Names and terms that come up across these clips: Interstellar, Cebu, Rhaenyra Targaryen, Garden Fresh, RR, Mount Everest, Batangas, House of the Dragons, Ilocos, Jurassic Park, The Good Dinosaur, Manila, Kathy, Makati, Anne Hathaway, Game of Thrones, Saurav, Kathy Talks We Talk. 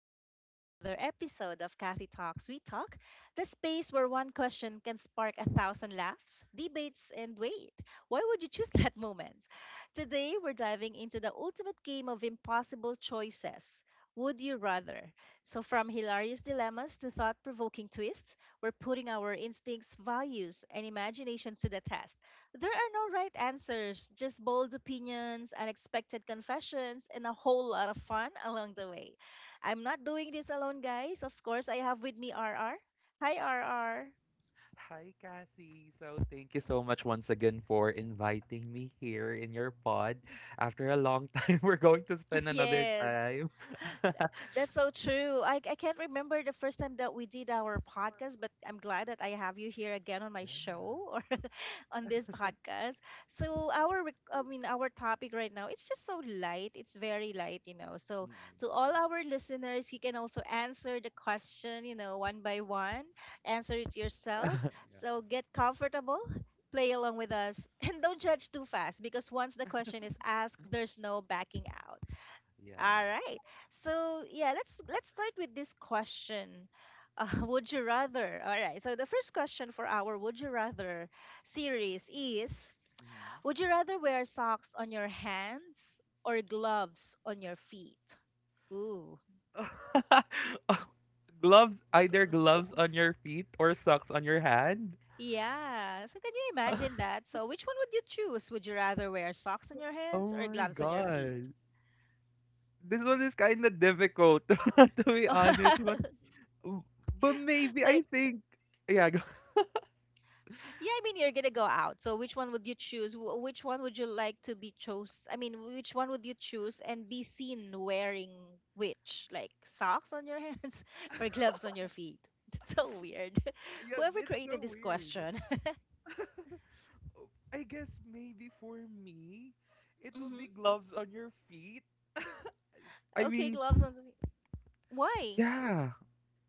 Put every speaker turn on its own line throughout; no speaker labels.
Welcome back to another episode of Kathy Talks We Talk, the space where one question can spark a thousand laughs, debates, and wait, why would you choose that moment? Today, we're diving into the ultimate game of impossible choices. Would you rather? From hilarious dilemmas to thought provoking twists, we're putting our instincts, values, and imaginations to the test. There are no right answers, just bold opinions, unexpected confessions, and a whole lot of fun along the way. I'm not doing this alone, guys. Of course, I have with me RR. Hi, RR.
Hi, Kathy. So, thank you so much once again for inviting me here in your pod. After a long time, we're going to spend another
Yes.
time.
That's so true. I can't remember the first time that we did our podcast, but I'm glad that I have you here again on my
Yeah.
show or on this podcast. I mean, our topic right now, it's just so light. It's very light, you know. So
Mm-mm.
to all our listeners, you can also answer the question, one by one. Answer it yourself. So get comfortable. Play along with us and don't judge too fast because once the question is asked, there's no backing out.
Yeah. Yeah.
All right. So yeah, let's start with this question. Would you rather? All right. So the first question for our Would You Rather series is, would you rather wear socks on your hands or gloves on your feet? Ooh.
Mm-hmm. Gloves, either
Gloves.
gloves on your feet or socks on your hand.
Yeah. So can you imagine that? So which one would you choose? Would you rather wear socks on your hands
Oh
or
my
gloves on your feet?
god. This one is kind of difficult, to be honest, but maybe I
like
think yeah, go-
Yeah, I mean, you're gonna go out. So, which one would you choose? Which one would you like to be chose? I mean, which one would you choose and be seen wearing which? Like socks on your hands or gloves on your feet? That's so weird.
yeah,
Whoever
it's
created
so
this
weird.
question.
I guess maybe for me, it will
hmm
be gloves on your feet. I
Okay,
mean,
gloves on the feet. Why?
yeah.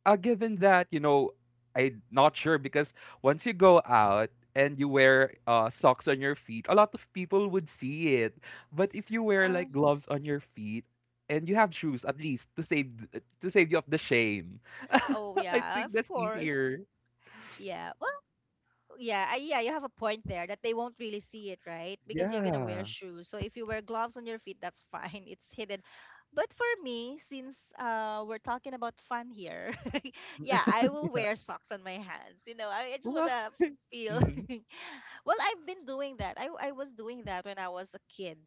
Given that, I'm not sure because once you go out and you wear socks on your feet, a lot of people would see it. But if you wear
Uh,
like gloves on your feet and you have shoes at least to save to save you of the shame,
oh,
I
yeah,
think
of
that's
course.
easier.
Yeah. Well, yeah, yeah, you have a point there that they won't really see it, right? Because you're gonna wear
Yeah.
shoes. So if you wear gloves on your feet, that's fine. It's hidden. But for me, since we're talking about fun here, yeah, I will
Yeah.
wear socks on my hands. I just
Well,
wanna feel.
hmm.
Well, I've been doing that. I was doing that when I was a kid.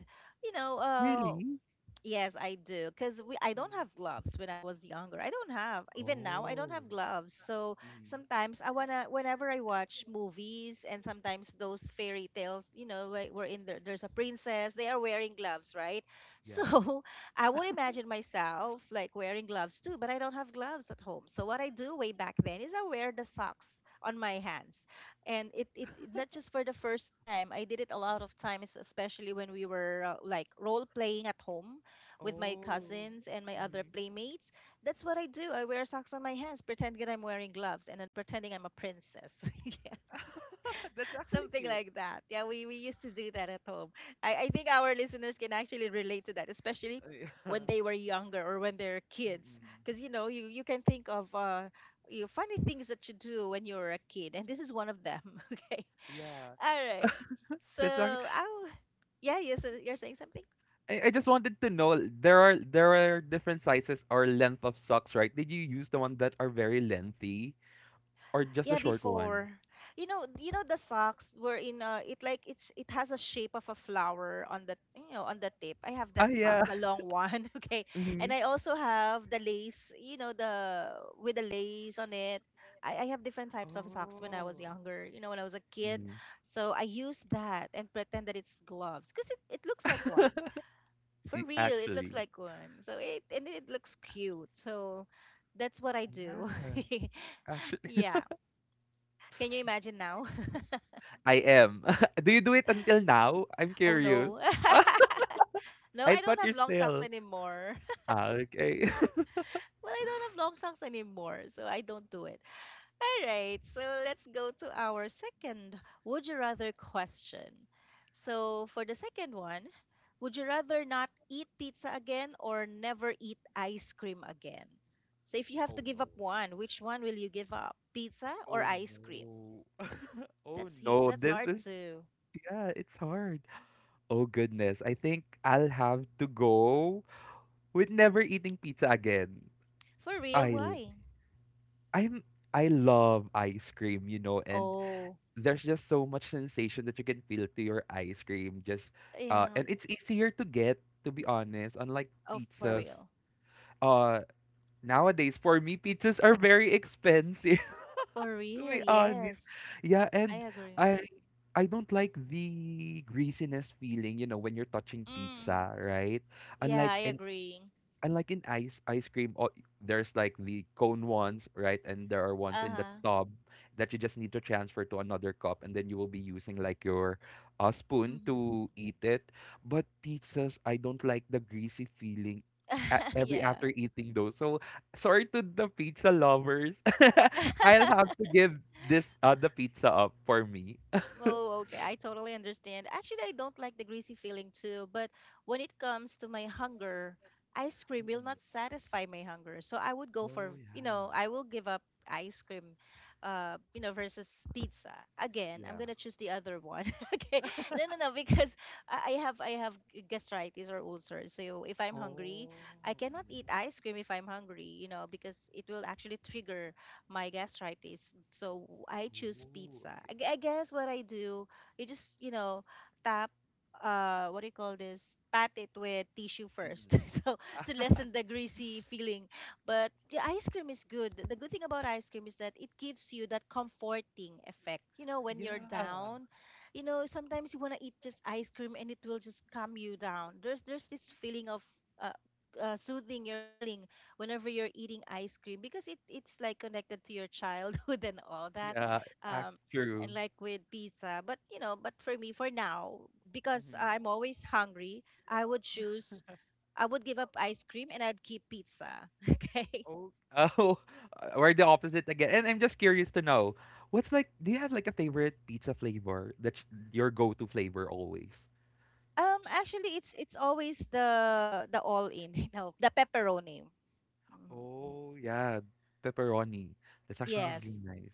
You know, uh
Really?
Yes, I do. Because I don't have gloves when I was younger. I don't have, even now, I don't
Oh.
have gloves. So
House. Mhm.
sometimes I wanna, whenever I watch movies and
Mhm.
sometimes those fairy tales, you know, there's a princess, they are wearing gloves, right? So
Yeah.
I would imagine myself like wearing gloves too, but I don't have gloves at home. So what I do way back then is I wear the socks on my hands, and not just for the first time. I did it a lot of times, especially when we were like role playing at home with my
Oh. Ones.
cousins and my other
Mhm.
playmates. That's what I do. I wear socks on my hands, pretending that I'm wearing gloves, and then pretending I'm a princess. Yeah,
That's actually
something
cute.
like that. Yeah, we used to do that at home. I think our listeners can actually relate to that, especially
Yeah.
when they were younger or when they're kids.
Mm-mm.
Because, you know, you can think of you know, funny things that you do when you were a kid, and this is one of them. Okay.
Yeah.
All right. So,
That's actually.
I, yeah, you're saying something?
I just wanted to know there are different sizes or length of socks, right? Did you use the one that are very lengthy or just the
Yeah,
short one?
before. You know the socks were in it's, it has a shape of a flower on the, you know, on the tip. I have
Ah,
that
yeah.
socks, the long one, okay. And
Mhm.
I also have the lace, you know, the with the lace on it. I have different types of socks when I was
Oh.
younger, you know, when I was a kid.
Mhm.
So I use that and pretend that it's gloves because it looks like
I-
one. For real, it looks
Actually.
like one. So it, and it looks cute. So that's what I do.
Yeah. Actually.
Yeah. Can you imagine now?
I am. Do you do it until now? I'm
Oh
curious.
no. No,
I
I don't
thought you're
have long socks
still.
anymore.
Ah, okay.
Well, I don't have long socks anymore, so I don't do it. All right, so let's go to our second would you rather question. So, for the second one, would you rather not eat pizza again or never eat ice cream again? So, if you have to
Oh
give
no.
up one, which one will you give up? Pizza or
Oh
ice cream?
no. Oh
That's he.
no,
That's
this
hard
is
to.
yeah, it's hard. Oh goodness, I think I'll have to go with never eating pizza again.
For real,
I'll
why?
I'm I love ice cream, you know, and
Oh,
there's just so much sensation that you can feel to your ice cream. Just
yeah.
and it's easier to get, to be honest, unlike
Oh, for
pizzas.
real.
Uh, Nowadays, for me, pizzas are very expensive,
For
to
real,
be honest.
yes.
Yeah,
I
and
agree.
I I don't like the greasiness feeling, you know, when you're touching
Mm.
pizza, right?
Yeah, I
Unlike an
agree.
and like in ice cream, oh, there's like the cone ones, right, and there are ones in the
Uh-huh.
tub that you just need to transfer to another cup and then you will be using like your spoon
hmm
to eat it. But pizzas, I don't like the greasy feeling every
yeah.
after eating those. So sorry to the pizza lovers, I'll have to give this the pizza up for me.
Oh, okay. I totally understand. Actually, I don't like the greasy feeling too, but when it comes to my hunger, ice cream will
Mm-mm.
not satisfy my hunger. So I would go
Oh
for,
yeah.
I will give up ice cream, you know, versus pizza. Again, I'm
Yeah.
gonna choose the other one. Okay. No, no, no, because gastritis or ulcers. So if I'm hungry,
Oh,
I cannot eat
mm.
ice cream if I'm hungry, you know, because it will actually trigger my gastritis. So I choose
Oh,
pizza.
okay.
I guess what I do, you just, you know, tap, what do you call this? Pat it with tissue first.
Mm-mm.
So to lessen the greasy feeling. But the ice cream is good. The good thing about ice cream is that it gives you that comforting effect. You know, when you're
Yeah.
down, you know, sometimes you want to eat just ice cream and it will just calm you down. There's this feeling of uh, soothing your feeling whenever you're eating ice cream because it's like connected to your childhood and all that.
Yeah, act
um and
true.
like with pizza, but you know, but for me, for now, because
Mhm.
I'm always hungry, i would choose I would give up ice cream and I'd keep pizza. Okay.
Oh, oh, we're the opposite again. And I'm just curious to know, what's like, do you have like a favorite pizza flavor that's your go-to flavor always?
Actually, it's always the all in, you know, the pepperoni. Mhm.
Oh, yeah, pepperoni. That's actually
Yes,
really nice.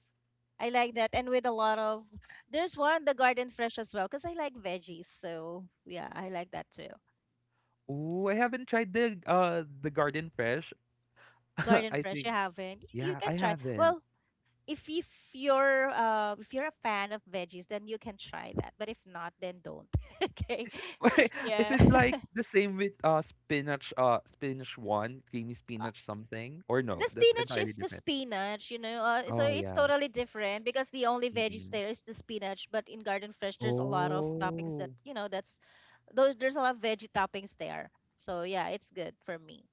I like that, and with a lot of, there's one, the garden fresh as well, because I like veggies, so yeah, I like that too.
Ooh, I haven't tried the garden fresh.
Garden
I
Fresh,
think,
you haven't. You
yeah, I
can try.
haven't.
Well, if if if you're a fan of veggies, then you can try that. But if not, then don't. Okay.
Is it, is
Yeah.
it like the same with spinach one, creamy
Uh,
spinach something? Or no,
the
that's
spinach
entirely
is just
different.
spinach, you know. So
Oh,
it's
yeah,
totally different because the only veggies
mm.
there is the spinach. But in Garden Fresh, there's a lot of toppings that,
Oh,
you know, that's those, there's a lot of veggie toppings there. So yeah, it's good for me.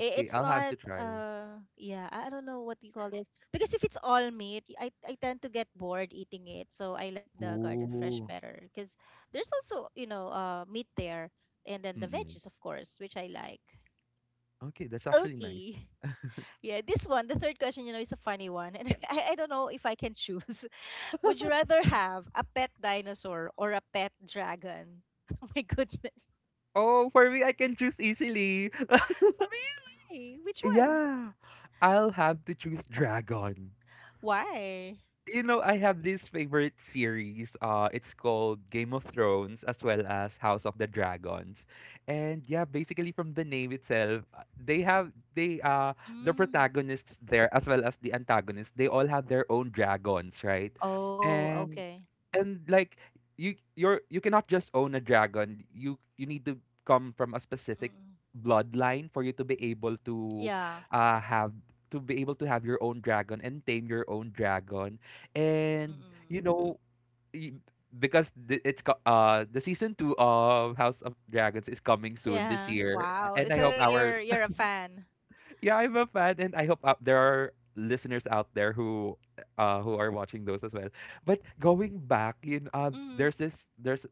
It's
I'll have
not
to try.
yeah, I don't know what you call this. Because if it's all meat, I tend to get bored eating it. So I like the garden fresh
Ooh,
better because there's also, you know, meat there and then the
mm.
veggies of course, which I like.
Okay, that's actually nice.
Okay. Yeah, this one, the third question, you know, is a funny one. And I don't know if I can choose. Would you rather have a pet dinosaur or a pet dragon? Oh my goodness.
Oh, for me, I can choose easily.
Oh, really? Which one?
Yeah, I'll have to choose dragon.
Why?
You know, I have this favorite series. It's called Game of Thrones as well as House of the Dragons, and yeah, basically from the name itself, they have they the
Mm.
protagonists there as well as the antagonists. They all have their own dragons, right?
Oh,
And
okay.
and like you cannot just own a dragon. You need to come from a specific
Mm-mm.
bloodline for you to be able to
Yeah.
uh have have your own dragon and tame your own dragon. And
Mm-mm.
you know y- because the season 2 of House of Dragons is coming soon this
Yeah.
year
Wow.
and I
So
hope our
you're a fan.
yeah I'm a fan and I hope there are listeners out there who are watching those as well. But going back, you know,
Mm.
there's this there's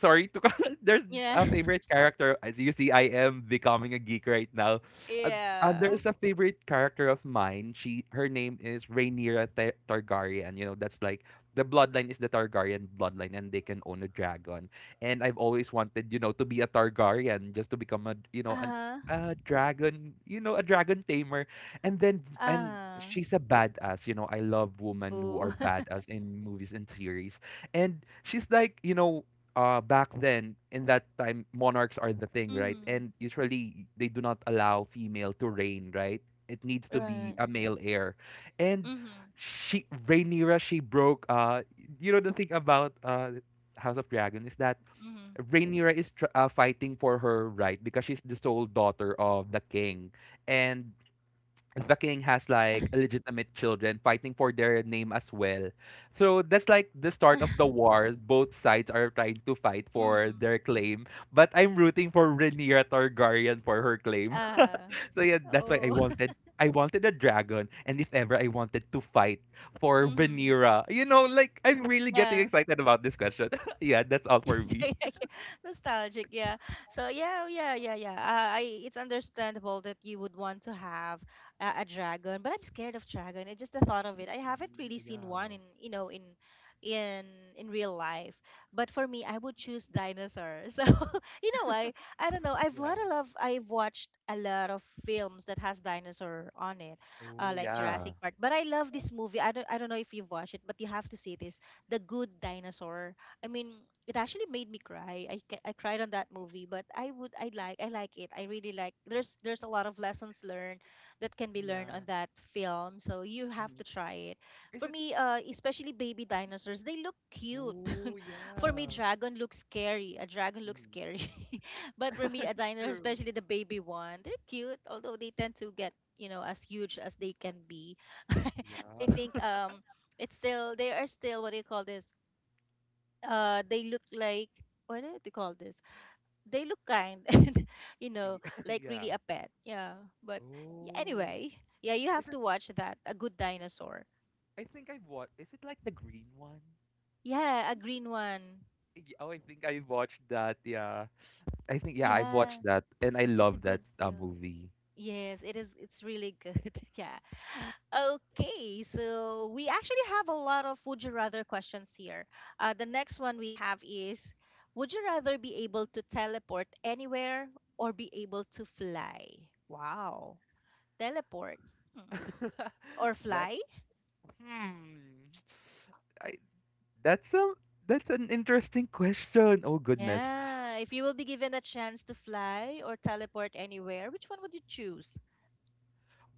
sorry to call, there's
Yeah.
a favorite character, as you see I am becoming a geek right now. Uh,
Yeah.
there's a favorite character of mine. She Her name is Rhaenyra Targaryen. You know, that's like the bloodline is the Targaryen bloodline and they can own a dragon. And I've always wanted, you know, to be a Targaryen just to become a, you know, an
Uh-huh.
a dragon, you know, a dragon tamer. And then and
Uh-huh.
she's a badass, you know. I love women who
Ooh.
are badass in movies and series. And she's like, you know, back then in that time monarchs are the thing, right,
Mm-hmm.
and usually they do not allow female to reign, right, it needs to be
Right.
a male heir. And
Mm-hmm.
she Rhaenyra she broke you know the thing about House of Dragon is that
Mm-hmm.
Rhaenyra is fighting for her right because she's the sole daughter of the king, and the king has like legitimate children fighting for their name as well. So that's like the start of the war. Both sides are trying to fight for
Mm-hmm.
their claim, but I'm rooting for Rhaenyra Targaryen for her claim.
Uh.
So yeah, that's why
Oh.
I wanted a dragon, and if ever I wanted to fight for
Mm-hmm.
Rhaenyra, you know, like I'm really getting
Yeah.
excited about this question. Yeah, that's all for me.
Nostalgic, yeah. So yeah, yeah, yeah, yeah, I it's understandable that you would want to have a dragon, but I'm scared of dragon. It's just the thought of it.
Really?
I haven't really
Yeah.
seen one in, you know, in in real life, but for me I would choose dinosaur. So, you know, I don't know.
Yeah.
I've watched a lot of films that has dinosaur on it,
Oh
like
yeah.
Jurassic Park. But I love this movie, I don't know if you've watched it, but you have to see this, The Good Dinosaur. I mean, it actually made me cry. I cried on that movie, but I like it. I really like. There's a lot of lessons learned that can be learned on
Yeah.
that film. So you have
Mhm.
to try it.
Is
For
it.
me, especially baby dinosaurs, they look cute.
Oh
For me,
yeah.
dragon looks scary. A dragon looks
Mm.
scary, but for me, a dinosaur,
True.
especially the baby one, they're cute. Although they tend to get, you know, as huge as they can be. I think
Yeah.
it's still they are still what do you call this they look like what do you call this they look kind and you know
Y-
like
Yeah.
really a pet, yeah, but yeah,
Oh.
anyway, yeah, you
Is
have
it.
to watch that, A Good Dinosaur.
I think I've watched, is it like the green one?
Yeah, a green one.
Y- Oh, I think I watched that. Yeah. I think yeah, I
Yeah,
watched that and I
it's a
love that
good film.
movie.
Yes, it is. It's really good. Yeah. Okay, so we actually have a lot of "would you rather" questions here. The next one we have is, would you rather be able to teleport anywhere or be able to fly? Wow. Teleport. Hmm. Or
That
fly?
hmm. I That's a that's an interesting question. Oh goodness.
Yeah. If you will be given a chance to fly or teleport anywhere, which one would you choose?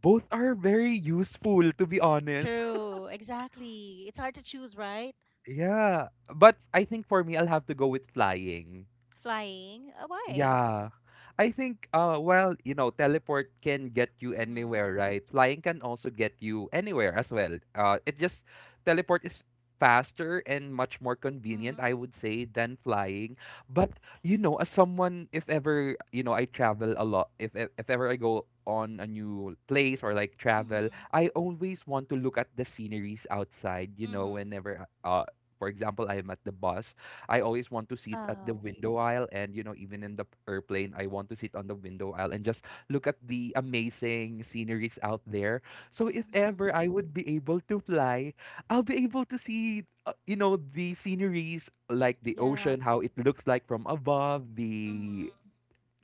Both are very useful to be honest.
True. Exactly. It's hard to choose, right?
Yeah. But I think for me I'll have to go with flying.
Flying. Why?
Yeah. I think well, you know, teleport can get you
Mm-hmm.
anywhere, right? Flying can also get you anywhere as well. It just teleport is faster and much more
Mm-hmm.
convenient, I would say, than flying. But you know, as someone if ever, you know, I travel a lot, if ever I go on a new place or like travel,
Mhm.
I always want to look at the sceneries outside, you know,
Mhm.
whenever for example, I am at the bus, I always want to sit at the
Oh.
window aisle, and you know even in the airplane I want to sit on the window aisle and just look at the amazing sceneries out there. So if ever
Mhm.
I would be able to fly, I'll be able to see, you know, the sceneries like the
Yeah.
ocean how it looks like from above, the
Mhm.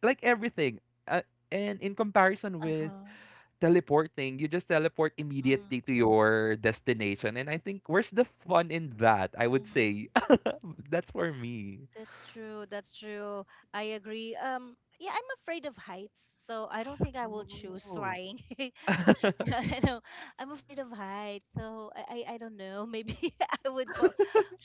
like everything. Uh, and in comparison with
Uh-huh.
teleporting, you just teleport
Mhm.
immediately to your destination, and I think where's the fun in that? I would
Mhm.
say that's for me.
That's true. That's true. I agree. Yeah, I'm afraid of heights, so I don't think I will choose
Oh,
flying. I know, I'm afraid of heights, so I don't know. Maybe I would fo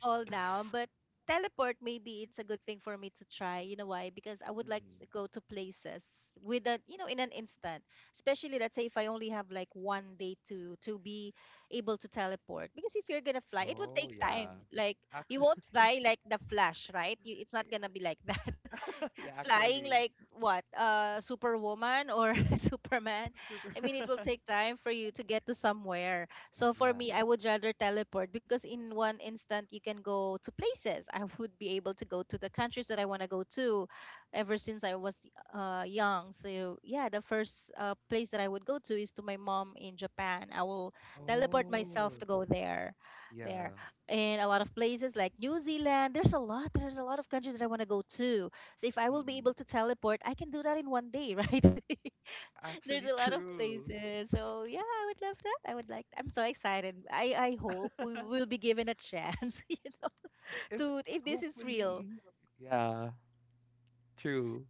fall down, but teleport, maybe it's a good thing for me to try. You know why? Because I would like
mm.
to go to places with a, you know, in an instant. Especially let's say if I only have like one day to be able to teleport. Because if you're gonna fly, it would
Oh,
take time.
yeah.
Like, you
Actually,
won't fly like the Flash, right? It's not gonna be like that
yeah,
flying
actually.
like what, Superwoman or Superman.
Super.
I mean, it will take time for you to get to somewhere, so for
Yeah.
me, I would rather teleport, because in one instant you can go to places. I would be able to go to the countries that I want to go to ever since I was young. So yeah, the first place that I would go to is to my mom in Japan. I will teleport myself
Oh,
to go there, there
yeah.
in a lot of places like New Zealand. There's a lot of countries that I want to go to, so if I will be
Mm.
able to teleport, I can do that in one day, right? There's
Actually,
a lot of
true.
places. So yeah, I would love that. I would like, I'm so excited. I hope we will be given a chance, you know,
If
to, if this is real.
hopefully. Yeah, true.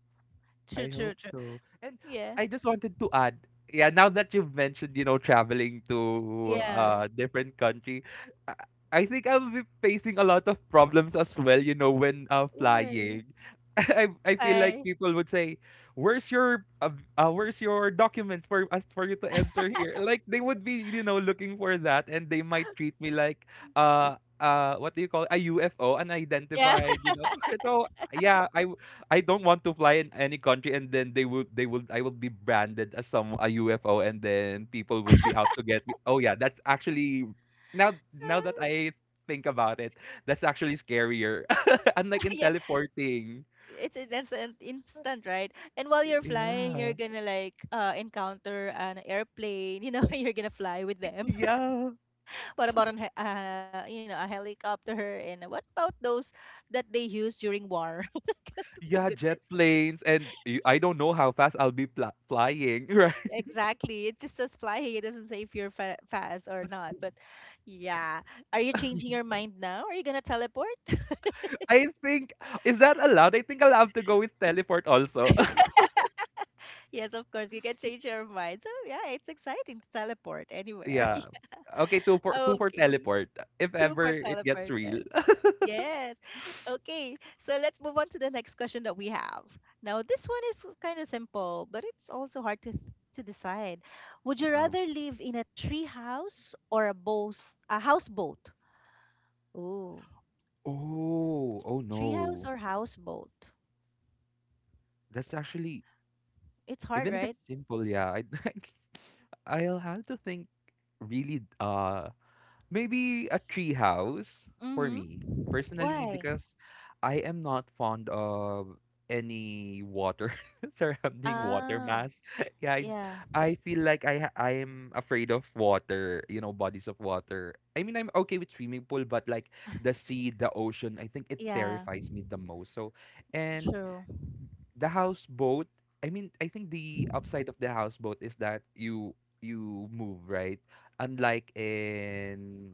True,
I
true,
hope
true.
so. And
Yeah.
I just wanted to add, yeah, now that you've mentioned, you know, traveling to
Yeah.
a different country, I, I think I'll be facing a lot of problems as well, you know, when
Why?
flying. I feel like
I,
people would say, "Where's your where's your documents for us for you to enter here?" Like they would be, you know, looking for that, and they might treat me like what do you call it? A UFO,
yeah.
unidentified, you know. So yeah, I don't want to fly in any country and then they would I would be branded as some a UFO and then people would be out to get me. Oh yeah, that's actually now that I think about it, that's actually scarier. Unlike in
Yeah,
teleporting.
it's an instant, instant, right? And while you're flying, you're
Yeah.
gonna like encounter an airplane, you know. You're gonna fly with them.
Yeah.
What about an, you know, a helicopter? And what about those that they use during war?
Yeah, jet
Goodness.
planes and y- I don't know how fast I'll be pla flying, right?
Exactly. It just says flying. It doesn't say if you're fast or not. But yeah. Are you changing your mind now? Are you going to teleport?
I think is that allowed? I think I'll have to go with teleport also.
Yes, of course. You can change your mind. So yeah, it's exciting to teleport anywhere.
Yeah. Okay, two for two for
Okay.
teleport. If
Two
ever
for
it gets
teleport.
real.
Yes. Okay. So let's move on to the next question that we have. Now, this one is kind of simple, but it's also hard to decide. Would you rather live in a tree house or a boat, a houseboat? Ooh,
Oh, oh
tree house
no.
or houseboat?
That's actually,
It's hard,
even if
right?
it's simple, yeah, I, I'll have to think really, maybe a tree house for
Mm-hmm.
me personally,
Why?
because I am not fond of any water surrounding water
Oh,
mass. Yeah,
yeah.
I feel like I am afraid of water, you know, bodies of water. I mean, I'm okay with swimming pool, but like the sea, the ocean, I think it
Yeah,
terrifies me the most. So, and
true.
the houseboat, I mean I think the upside of the houseboat is that you move, right, unlike in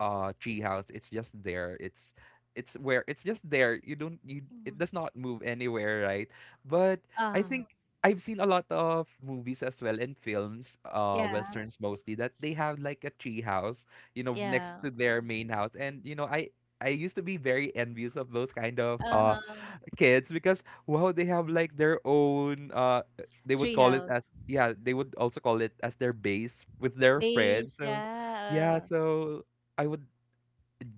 treehouse. It's just there. It's just there. You don't you it
Mm.
does not move anywhere, right? But I
Oh,
think I've seen a lot of movies as well and films,
yeah.
westerns mostly, that they have like a tree house, you know, next
Yeah.
to their main house. And I used to be very envious of those kind of
Uh-huh.
kids because wow, they have like their own, they would call it
Treehouse.
as yeah, they would also call it as their base with their friends.
Base,
So yeah,
yeah.
so I would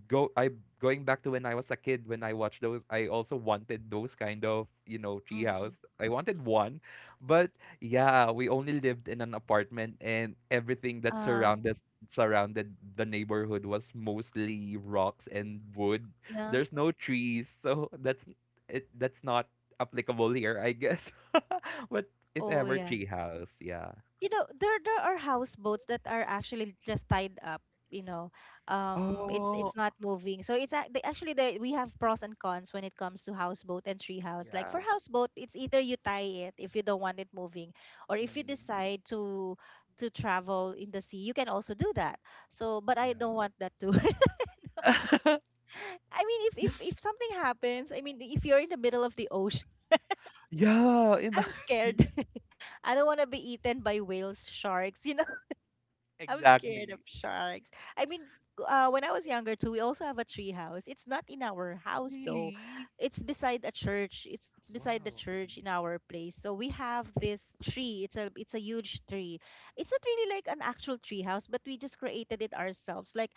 go I going back to when I was a kid when I watched those. I also wanted those kind of,
Uh hmm.
treehouse. I wanted one. But yeah, we only lived in an apartment, and everything that
Uh,
surrounded the neighborhood was mostly rocks and wood.
yeah.
There's no trees, so that's not applicable here, I guess. But if
Oh,
ever,
yeah.
treehouse. Yeah.
You know, there are houseboats that are actually just tied up, you know. It's
Oh,
it's not moving. So actually, the, we have pros and cons when it comes to houseboat and treehouse. Like for
yeah.
houseboat, it's either you tie it if you don't want it moving, or if you
Mm,
decide to travel in the sea, you can also do that. So, but I don't want that too.
yeah.
I mean, if something happens, I mean, if you're in the middle of the ocean,
Yeah.
I'm scared. I don't want to be eaten by whales, sharks, you know. I was scared of
Exactly.
sharks. I mean, when I was younger too, we also have a tree house. It's not in our house though.
Really?
It's beside a church. It's beside the
Wow.
church in our place. So we have this tree. It's a huge tree. It's not really like an actual tree house, but we just created it ourselves. Like,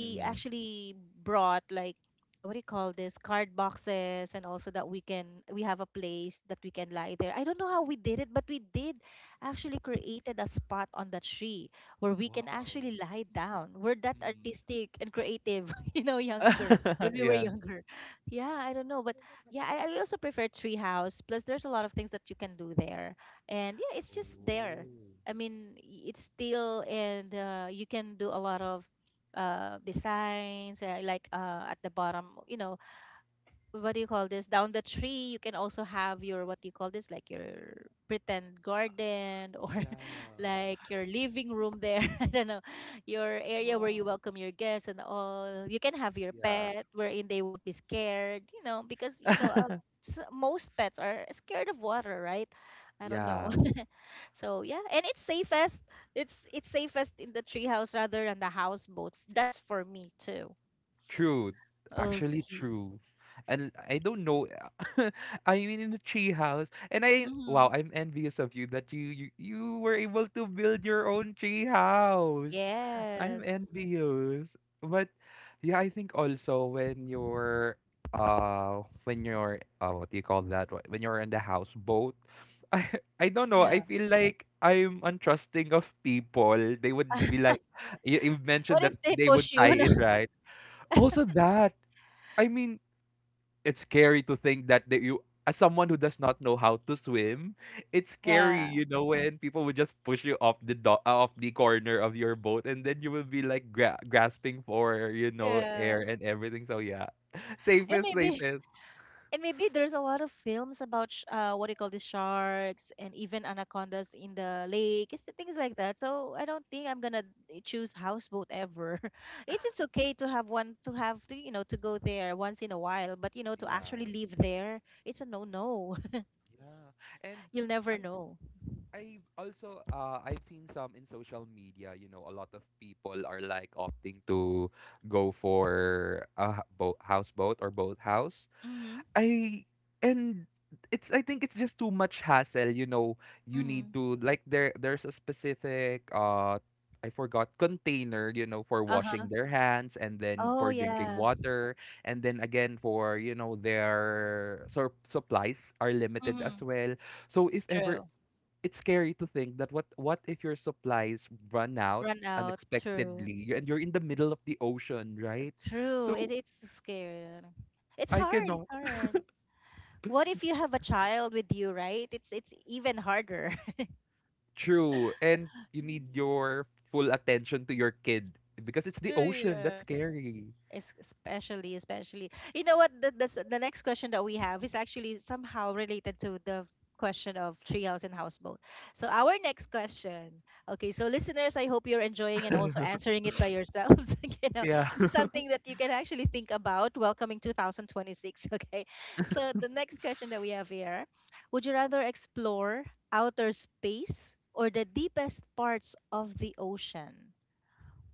Mhm. Hmm.
actually brought like, what do you call this, card boxes, and also that we can, we have a place that we can lie there. I don't know how we did it, but we did actually created a spot on the tree where we can
Wow.
actually lie down. We're that
Mhm.
artistic and creative, you know, younger, when we were
Yeah.
younger. Yeah, I don't know, but yeah, I also prefer treehouse. Plus, there's a lot of things that you can do there, and yeah, it's just there.
Oh.
I mean, it's still, and you can do a lot of designs, like, at the bottom, you know, what do you call this, down the tree, you can also have your, what do you call this, like your pretend garden, or
Yeah.
like your living room there. I don't know, your area where you
Wow.
welcome your guests and all. You can have your
Yeah.
pet, wherein they won't be scared, you know, because, you know, most pets are scared of water, right? I don't know.
Yeah.
So yeah, and it's safest, it's safest in the treehouse rather than the houseboat. That's for me too.
True, actually
Okay.
true. And I don't know. I mean, in the tree house, and I,
Mm-hmm.
wow, I'm envious of you that you were able to build your own tree house. I'm
Yes.
envious. But yeah, I think also when you're, what do you call that, when you're in the houseboat. I I don't know. I
Yeah.
feel like I'm untrusting of people. They would be like, you mentioned
What if
that
they
they would
push
tie
you? No.
it, right? Also that. I mean, it's scary to think that you, as someone who does not know how to swim, it's scary,
Yeah.
you know, when people would just push you off the corner of your boat, and then you will be like grasping for, you know,
Yeah.
air and everything. So yeah.
And
Safest,
maybe
safest.
and maybe there's a lot of films about what do you call, the sharks and even anacondas in the lake. It's the things like that. So I don't think I'm gonna choose houseboat ever. It's okay to have one, to have, to you know, to go there once in a while, but you know, to
Yeah.
actually live there, it's a no no.
Yeah. And
You'll never
I
know.
I've seen some in social media, you know, a lot of people are like opting to go for a boat houseboat or boathouse.
Mm-hmm.
I and I think it's just too much hassle, you know. You need
Mm-hmm.
to, like, there's a specific, I forgot, container, you know, for washing
Uh-huh.
their hands and then
Oh
for drinking
yeah.
water, and then again for, you know, their supplies are limited
Mm-hmm.
as well. So if ever,
True.
it's scary to think that what if your supplies run out
Run out. True.
unexpectedly and you're in the middle of the ocean, right?
True. It,
So
it's scary. Like, it's
I
hard. It's
cannot.
hard. What if you have a child with you, right? It's even harder.
True. And you need your full attention to your kid because it's the
Yeah,
ocean.
yeah.
That's scary.
Especially, especially, you know what, the the next question that we have is actually somehow related to the question of treehouse and houseboat. So our next question, okay, so listeners, I hope you're enjoying and also answering it by yourselves. You know,
Yeah.
this is something that you can actually think about welcoming 2026. Okay, so the next question that we have here, would you rather explore outer space or the deepest parts of the ocean?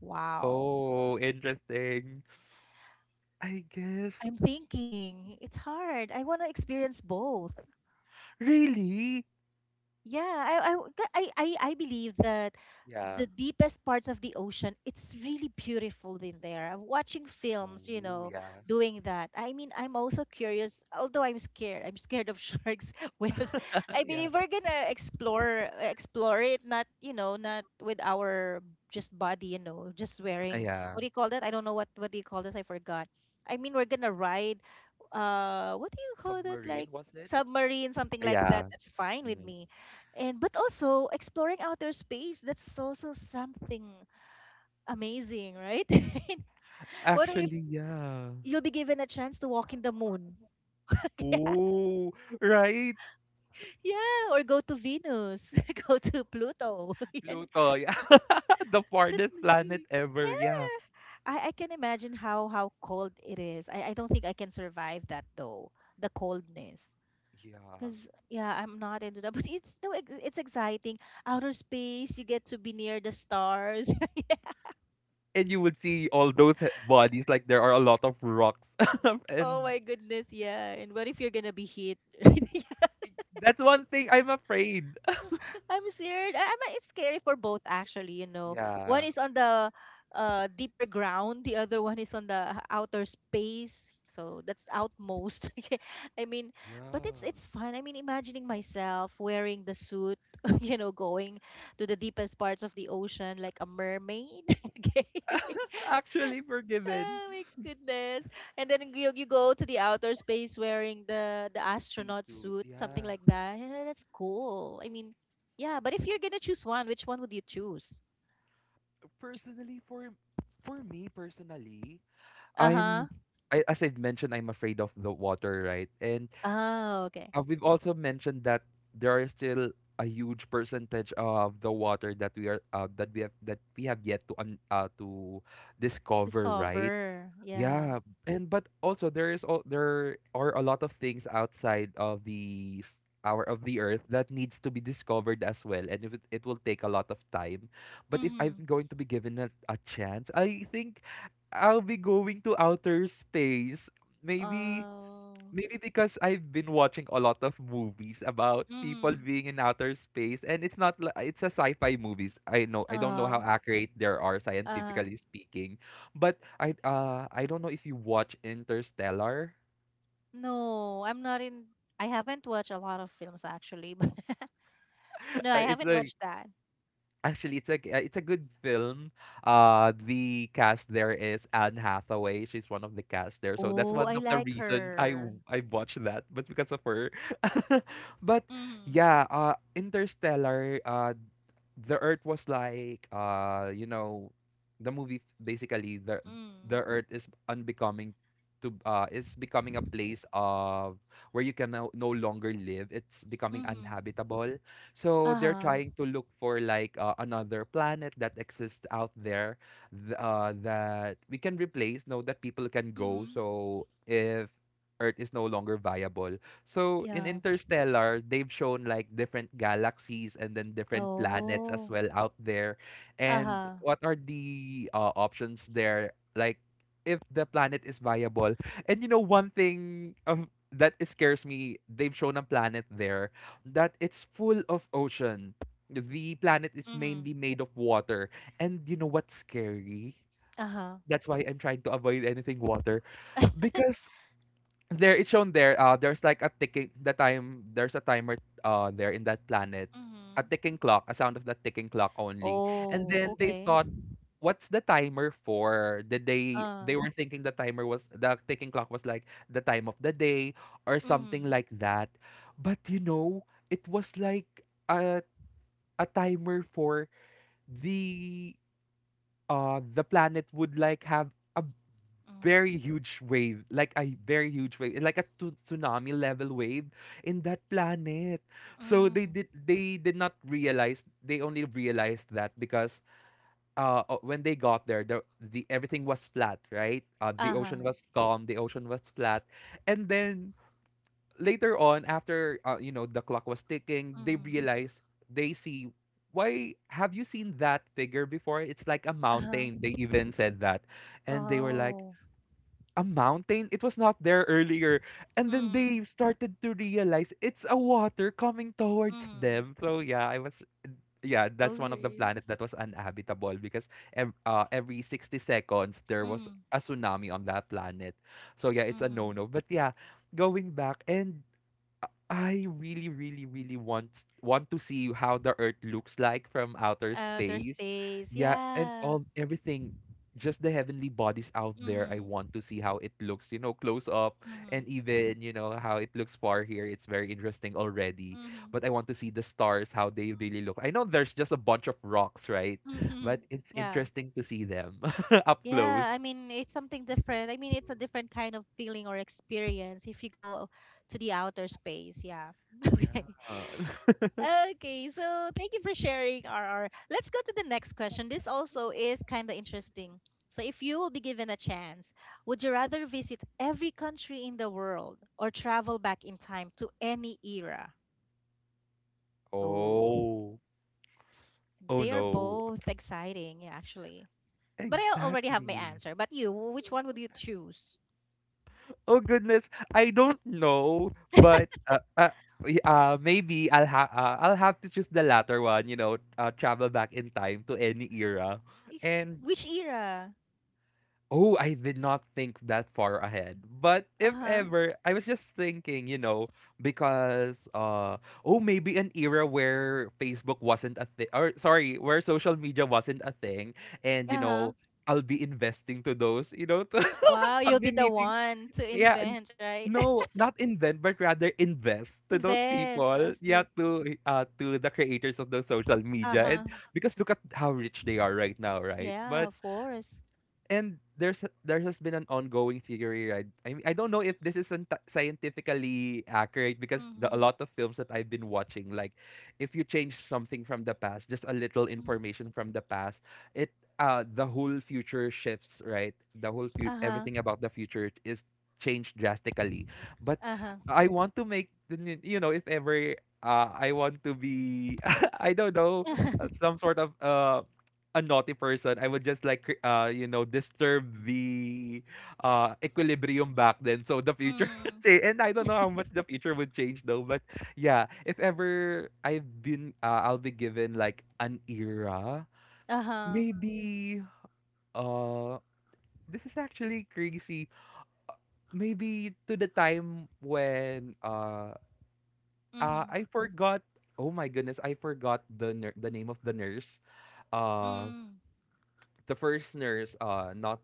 Wow.
Oh, interesting, I guess.
I'm thinking, it's hard. I want to experience both.
Really?
Yeah, I w- ca- I believe that
Yeah.
the deepest parts of the ocean, it's really beautiful in there. I'm watching films, you
Oh,
know,
yeah.
doing that. I mean, I'm also curious, although I'm scared. I'm scared of sharks, whales. I
Yeah.
believe we're gonna explore it, not, you know, not with our just body, you know, just
Ah,
wearing,
yeah.
what do you call that? I don't know, what do you call this? I forgot. I mean, we're gonna ride, what do you call that?
Submarine,
Like,
was it?
submarine, something
Ah,
like that.
yeah.
That's fine with
Mhm.
me. And but also exploring outer space, that's also something amazing, right? What if
Actually, yeah.
you'll be given a chance to walk in the moon, yeah,
Oh, right.
yeah, or go to Venus, go to Pluto, Yan.
Pluto. Yeah. The
Could
farthest planet
be.
ever. Yeah.
Yeah, I can imagine how cold it is. I don't think I can survive that though, the coldness,
Yeah.
because yeah, I'm not into that. But it's, no ex- it's exciting. Outer space, you get to be near the stars.
And you would see all those bodies, like there are a lot of rocks.
Oh
And
my goodness, yeah. And what if you're gonna be hit? Yeah,
that's one thing I'm afraid.
I'm scared. I'm, it's scary for both actually, you know. One
Yeah.
is on the deeper ground, the other one is on the outer space. So that's outmost. Yeah, I mean,
Yeah.
but it's fun. I mean, imagining myself wearing the suit, you know, going to the deepest parts of the ocean like a mermaid. Okay.
Actually forgiven.
Oh my goodness. And then you go to the outer space wearing the
Please
astronaut
do it.
suit, something
Yeah.
like that. Yeah, that's cool. I mean, yeah, but if you're gonna choose one, which one would you choose?
Personally, for me personally,
Uh-huh.
I'm I, as I've mentioned, I'm afraid of the water, right? And,
Oh, okay.
we've also mentioned that there are still a huge percentage of the water that we are, that we have yet to to discover, right?
Discover. Yeah.
Yeah, and but also there is all there are a lot of things outside of the our of the earth that needs to be discovered as well, and if it will take a lot of time. But if I'm
Mm-hmm.
going to be given a chance, I think I'll be going to outer space. Maybe.
Oh.
Maybe because I've been watching a lot of movies about people
Mm-hmm.
being in outer space, and it's not, it's a sci-fi movies. I know, I don't know how
Oh.
accurate there are
Uh.
scientifically speaking, but I don't know if you watch Interstellar.
No, I'm not in I haven't watched a lot of films actually, but no, I
It's
haven't
a
watched that.
Actually, it's a good film. The cast there is Anne Hathaway. She's one of the cast there, so that's
Oh,
one
I
of the
like
reason I
her.
w- I watched that, but because of her. But
Mm-hmm.
yeah, Interstellar. The earth was like, basically, the
Mm-hmm.
earth is unbecoming, to is becoming a place of where you can no longer live. It's becoming
Mm-hmm.
unhabitable, so they're
Uh-huh.
trying to look for like, another planet that exists out there, that we can replace, no, that people can go,
Mm-hmm.
so if earth is no longer viable. So in
Yeah.
Interstellar, they've shown like different galaxies, and then different planets as
Oh.
well out there. And
Uh-huh.
what are the, options there? Like if the planet is viable. And you know, one thing, that scares me, they've shown a planet there that it's full of ocean. The planet is
Mm-hmm.
mainly made of water. And you know what's scary?
Uh-huh.
That's why I'm trying to avoid anything water, because there, it's shown there, there's like a ticking, the time, there's a timer, there in that planet, a
Mm-hmm.
ticking clock, a sound of that ticking clock only. And
Oh,
then they
okay.
thought, what's the timer for? Did they
Uh.
they were thinking the timer was, the ticking clock was like the time of the day or something
Mm-hmm.
like that. But you know, it was like a timer for the the planet would like have a
Mm-hmm.
very huge wave, like a very huge wave, like a tsunami level wave in that planet. So
Mm.
they did not realize. They only realized that because, when they got there, the everything was flat, right? The
Uh-huh.
ocean was calm, the ocean was flat, and then later on, after, the clock was ticking,
Mm-hmm.
they see, why, have you seen that figure before? It's like a
Uh-huh.
mountain, they even said that. And they were like,
Oh.
a mountain, it was not there earlier. And then
Mm-hmm.
they started to realize it's a water coming towards
Mm-hmm.
them. So yeah, I was, yeah, that's one of the
Okay.
planet that was uninhabitable because every 60 seconds there was
Mm-hmm.
a tsunami on that planet. So yeah, it's a
Mm-hmm.
no no. But yeah, going back. And I really, really, really want to see how the Earth looks like from outer
Outer
space.
space.
Yeah, and
Yeah.
all everything, just the heavenly bodies out there. I
Mm-hmm.
want to see how it looks, you know, close up, and
Mm-hmm.
even you know how it looks far here. It's very interesting already.
Mm-hmm.
But I want to see the stars, how they really look. I know there's just a bunch of rocks, right?
Mm-hmm.
But it's
Yeah.
interesting to see them up
Yeah, I
close.
mean, it's something different. I mean, it's a different kind of feeling or experience if you go to the outer space. Yeah. Okay.
Yeah.
Okay, so thank you for sharing, RR. Let's go to the next question. This also is kind of interesting. So, if you will be given a chance, would you rather visit every country in the world or travel back in time to any era? Oh,
Oh. Oh
they are
no.
both exciting, yeah, actually. But I already have my
Exactly.
answer. But you, which one would you choose?
Oh goodness, I don't know, but maybe I'll have to choose the latter one, you know, travel back in time to any era.
It's
And
which era?
oh, I did not think that far ahead. But if
Uh-huh.
ever, I was just thinking, you know, because oh, maybe an era where Facebook wasn't a thing, or sorry, where social media wasn't a thing, and you
Uh-huh.
know, I'll be investing to those, you know,
Wow,
I'll
you'll
be
be the
meeting.
one to
Yeah, n
invent, right?
no, not invent, but rather invest to those
Invest. I
people. Yeah,
see.
to the creators of those social media.
Uh-huh.
And because look at how rich they are right now, right?
Yeah,
But
of course.
and there has been an ongoing theory, right? I mean, I don't know if this isn't scientifically accurate because a
Mm-hmm.
lot of films that I've been watching, like if you change something from the past, just a little
Mm-hmm.
information from the past, it the whole future shifts, right? The whole
Uh-huh.
everything about the future is changed drastically. But
Uh-huh.
I want to make the you know, if ever, I want to be, I don't know, some sort of, a naughty person, I would just like disturb the, equilibrium back then. So the future would
Mm.
change, and I don't know how much the future would change though. But yeah, if ever I'll be given
Mm.
like an era,
Uh-huh.
maybe, uh this is actually crazy. Maybe to the time when,
Mm-hmm.
I forgot. Oh my goodness, I forgot the name of the nurse. uh.
Mm.
The first nurse, not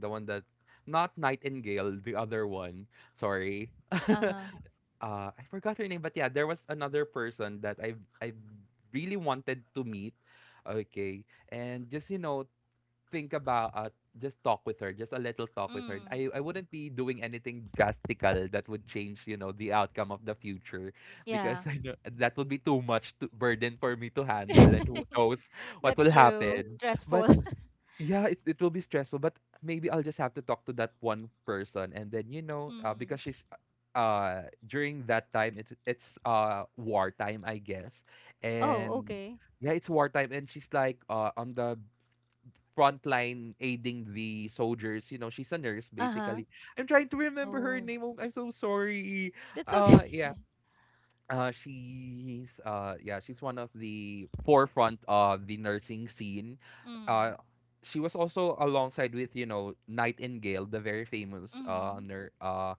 the one that, not Nightingale, the other one. Sorry,
Uh-huh.
I forgot her name, but yeah, there was another person that I really wanted to meet. Okay, and just, think about just talk with her, just a little talk with her.
Mm.
I wouldn't be doing anything drastical that would change, you know, the outcome of the future because
Yeah.
I know that would be too much to, burden for me to handle, and who knows what
That's
will
true. It's
happen. But
stressful.
yeah, it will be stressful, but maybe I'll just have to talk to that one person, and then because
Mm-hmm.
during that time it's wartime, I guess,
Oh,
and
okay.
yeah, it's wartime, and she's like on the front line aiding the soldiers. You know, she's a nurse
Uh-huh.
basically. I'm trying to remember her
Oh.
name. Oh, I'm so sorry.
That's okay.
Yeah, she's yeah, she's one of the forefront of the nursing scene.
Mm.
Uh, she was also alongside with you know Nightingale, the very famous
Mm-hmm.
nur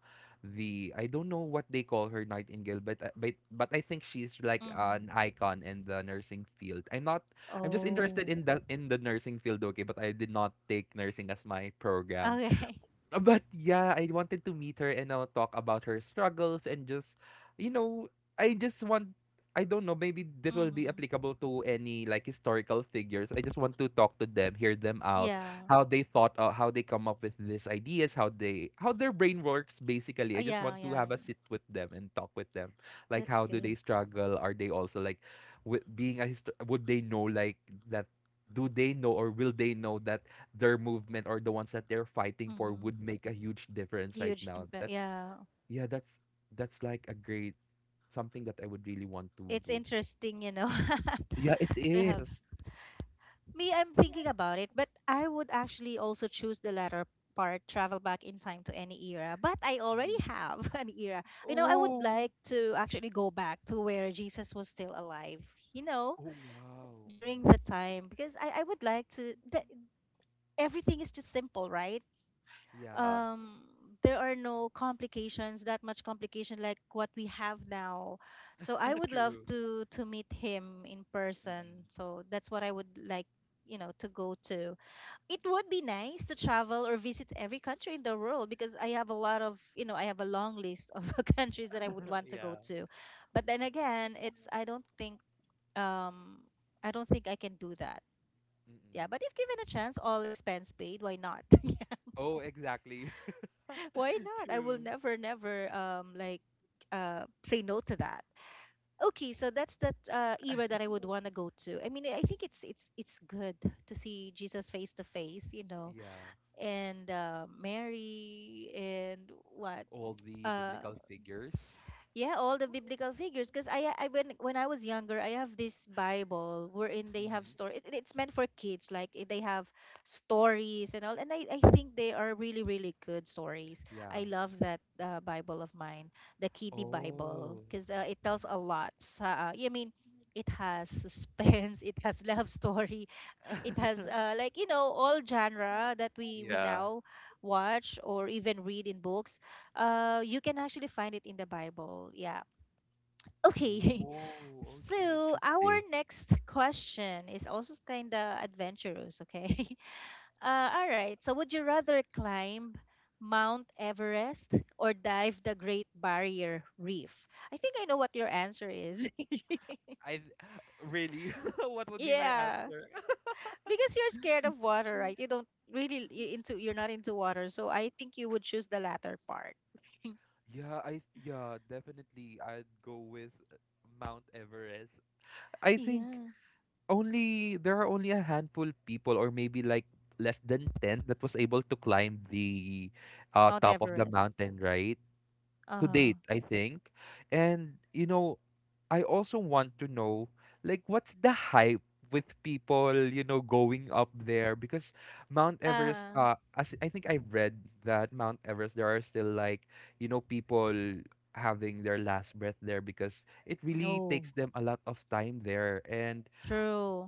the I don't know what they call her Nightingale, but but I think she's like
Mm-hmm.
an icon in the nursing field. I'm not I'm just interested
Oh.
in the nursing field, okay, but I did not take nursing as my program.
Okay.
But yeah, I wanted to meet her and I'll talk about her struggles and just, you know, I just want, I don't know, maybe that will be
Mm-hmm.
applicable to any like historical figures. I just want to talk to them, hear them out,
Yeah.
how they thought, how they come up with these ideas, how their brain works basically. I just
Yeah,
want to
yeah,
have a
yeah.
sit with them and talk with them. Like,
That's
how do
good.
they struggle? Are they also like, with being a, would they know like that? Do they know or will they know that their movement or the ones that they're fighting for would
Mm-hmm.
make a huge difference right
Huge
now?
impact.
That's
Yeah.
yeah, That's like a great something that I would really want to
It's
do.
interesting,
Yeah, it
to have.
is.
Me, I'm thinking about it, but I would actually also choose the latter part, travel back in time to any era. But I already
Mhm.
have an era. You know, I would
Oh,
like to actually go back to where Jesus was still alive, you know,
oh wow.
during the
Hmm.
time, because I would like to, the, everything is just simple, right?
Yeah.
um there are no complications, that much complication like what we have now. So I would love
True.
to meet him in person.
Mm-mm.
So that's what I would like to go to. It would be nice to travel or visit every country in the world, because I have a long list of countries that I would want to go
Yeah.
to. But then again, it's I don't think um I don't think I can do that.
Mm-mm.
Yeah, but if given a chance, all expense paid, why not?
Oh, exactly.
Why not? I will
True.
never, never like say no to that. Okay, so that's that era that I would want to go to. I mean, I think it's good to see Jesus face to face,
Yeah.
and Mary and what
All the
uh
biblical figures.
yeah, all the biblical figures. Because I when I was younger, I have this Bible wherein they have
Mhm.
story. It's meant for kids. Like they have stories and all. And I think they are really really good stories.
Yeah.
I love that Bible of mine, the Kiddie Bible,
Oh.
because it tells a lot. So, I mean, it has suspense. It has love story. It has like, all genre that we
Yeah.
now watch or even read in books. You can actually find it in the Bible. Yeah. Okay.
Oh, okay,
So our
interesting.
next question is also kind of adventurous. Okay. All right, so would you rather climb Mount Everest or dive the Great Barrier Reef? I think I know what your answer is.
I th- really, what would be my
Yeah,
answer?
because you're scared of water, right? You don't really, you're not into water, so I think you would choose the latter part.
Yeah, yeah, definitely I'd go with Mount Everest. I think
Yeah,
only there are only a handful people or maybe like less than 10 that was able to climb the
Mount
top of the
Everest.
mountain, right?
Uh
To
huh.
date, I think. And you know, I also want to know like what's the hype with people, you know, going up there because Mount
Uh
Everest
huh.
as I think I've read that Mount Everest there are still like, you know, people having their last breath there because it really
Oh,
takes them a lot of time there. and
true.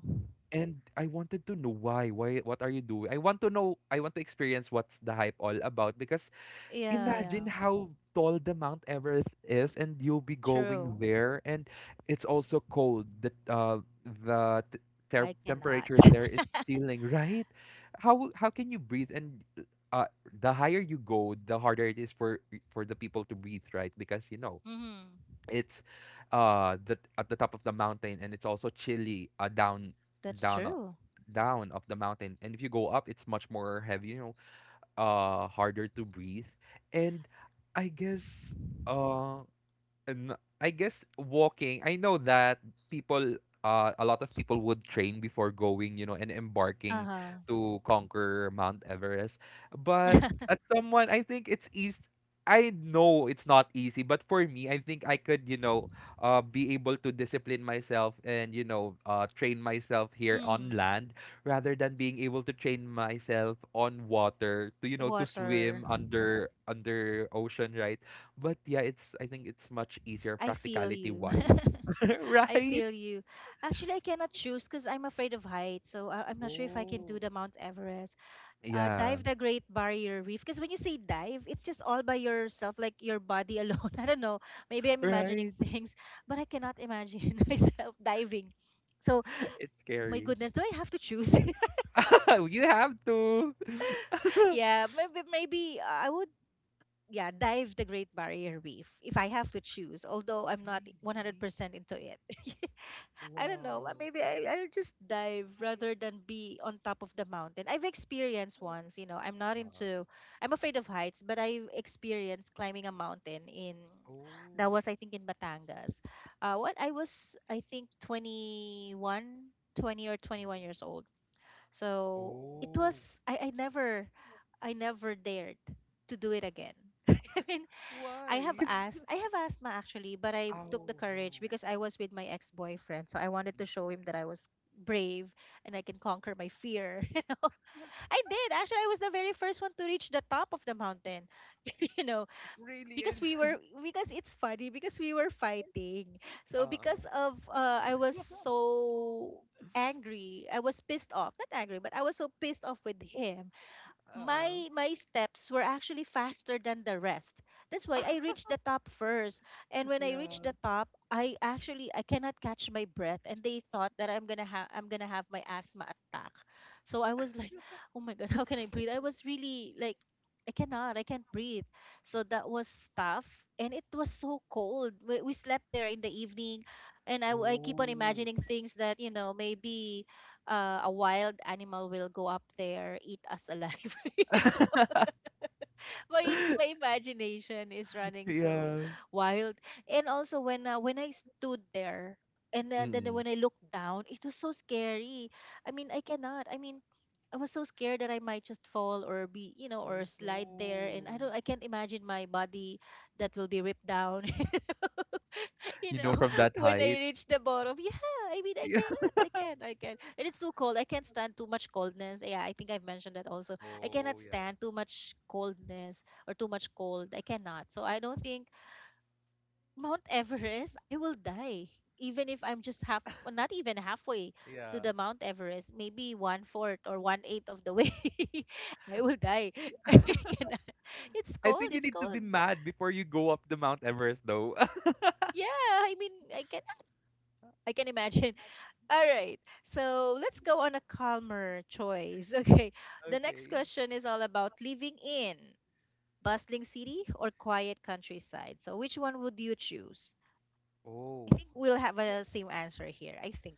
and I wanted to know why what are you doing. I want to know, I want to experience what's the hype all about because
Yeah, yeah,
imagine how tall the Mount Everest is, and you'll be
true.
going there, and it's also cold. The
I cannot.
temperature there is
Mm-hmm.
chilling, right? How can you breathe? And uh, the higher you go, the harder it is for the people to breathe, right? Because you know it's at the top of the mountain, and it's also chilly down
That's
down.
true.
Down of the mountain, and if you go up it's much more heavy, harder to breathe. And i guess uh and I guess walking, I know that people, a lot of people would train before going, you know, and
Uh
embarking
huh.
to conquer Mount Everest. But as someone, I think it's easy. I know it's not easy, but for me, I think I could, you know, be able to discipline myself and, you know, train myself here on
Mm.
land rather than being able to train myself on water to, you know, to
Water.
swim under ocean, right? But yeah, it's I think it's much easier
I feel
practicality
you.
wise.
I
Right?
feel you. Actually, I cannot choose because I'm afraid of heights. So I'm not sure if I can do
Oh,
the Mount Everest.
yeah.
Dive the Great Barrier Reef. Because when you say dive, it's just all by yourself, like your body alone. I don't know. Maybe I'm imagining
Right.
things, but I cannot imagine myself diving. So,
It's
my
scary.
goodness, do I have to choose?
You have to.
Yeah, maybe I would. Yeah, dive the Great Barrier Reef if I have to choose. Although I'm not
Really?
100% into it. I don't know.
Wow.
Maybe I'll just dive
Uh,
rather than be on top of the mountain. I've experienced once, I'm not into, I'm afraid of heights, but I've experienced climbing a mountain that
oh,
was, I think, in Batangas. What I was, I think, 21, 20 or 21
mhm.
years old. So it
Oh.
was, I never dared to do it again. I mean, I have
Why?
asked. I have asked Ma actually, but I took the
Oh, no.
courage because I was with my ex-boyfriend. So I wanted to
Mm.
show him that I was brave and I can conquer my fear. I did. Actually, I was the very first one to reach the top of the mountain, you know,
Really? It,
because we were because it's funny, because we were fighting. So
uh-uh.
because of I was so angry. I was pissed off. Not angry, but I was so pissed off with him. my
Uh-uh.
my steps were actually faster than the rest. That's why I reached the top first. And when I reached
Yeah.
the top, I cannot catch my breath, and they thought that I'm gonna have my asthma attack. So I was like, oh my God, how can I breathe? I was really like, I can't breathe. So that was tough. And it was so cold. We slept there in the evening, and I keep on
Oh.
imagining things that, maybe a wild animal will go up there, eat us alive. My imagination is running so
Yeah.
wild. And also when I stood there, and then
Mm.
when I looked down, it was so scary. I mean, I cannot. I mean, I was so scared that I might just fall or be, you know, or
Oh
slide there, and I don't
no.
I can't imagine my body that will be ripped down, you
You
know,
know, from that
when I
height.
reach the bottom. Yeah, I mean, I
Yeah.
cannot, I can, I can. And it's too cold. I can't stand too much coldness. Yeah, I think I've mentioned that also. I cannot
Oh yeah.
stand too much coldness or too much cold. I cannot. So I don't think Mount Everest, I will die. Even if I'm just half, well, not even halfway to
Yeah.
the Mount Everest, maybe one fourth or one eighth of the way, I will die. I cannot. It's
I
cold.
think you
It's
need to
cold.
be mad before you go up the Mount Everest, though.
Yeah, I mean, I cannot. I can imagine. All right. So let's go on a calmer choice. Okay. The next
Okay.
question is all about living in bustling city or quiet countryside. So which one would you choose? I
Oh.
think we'll have a same answer here. I think.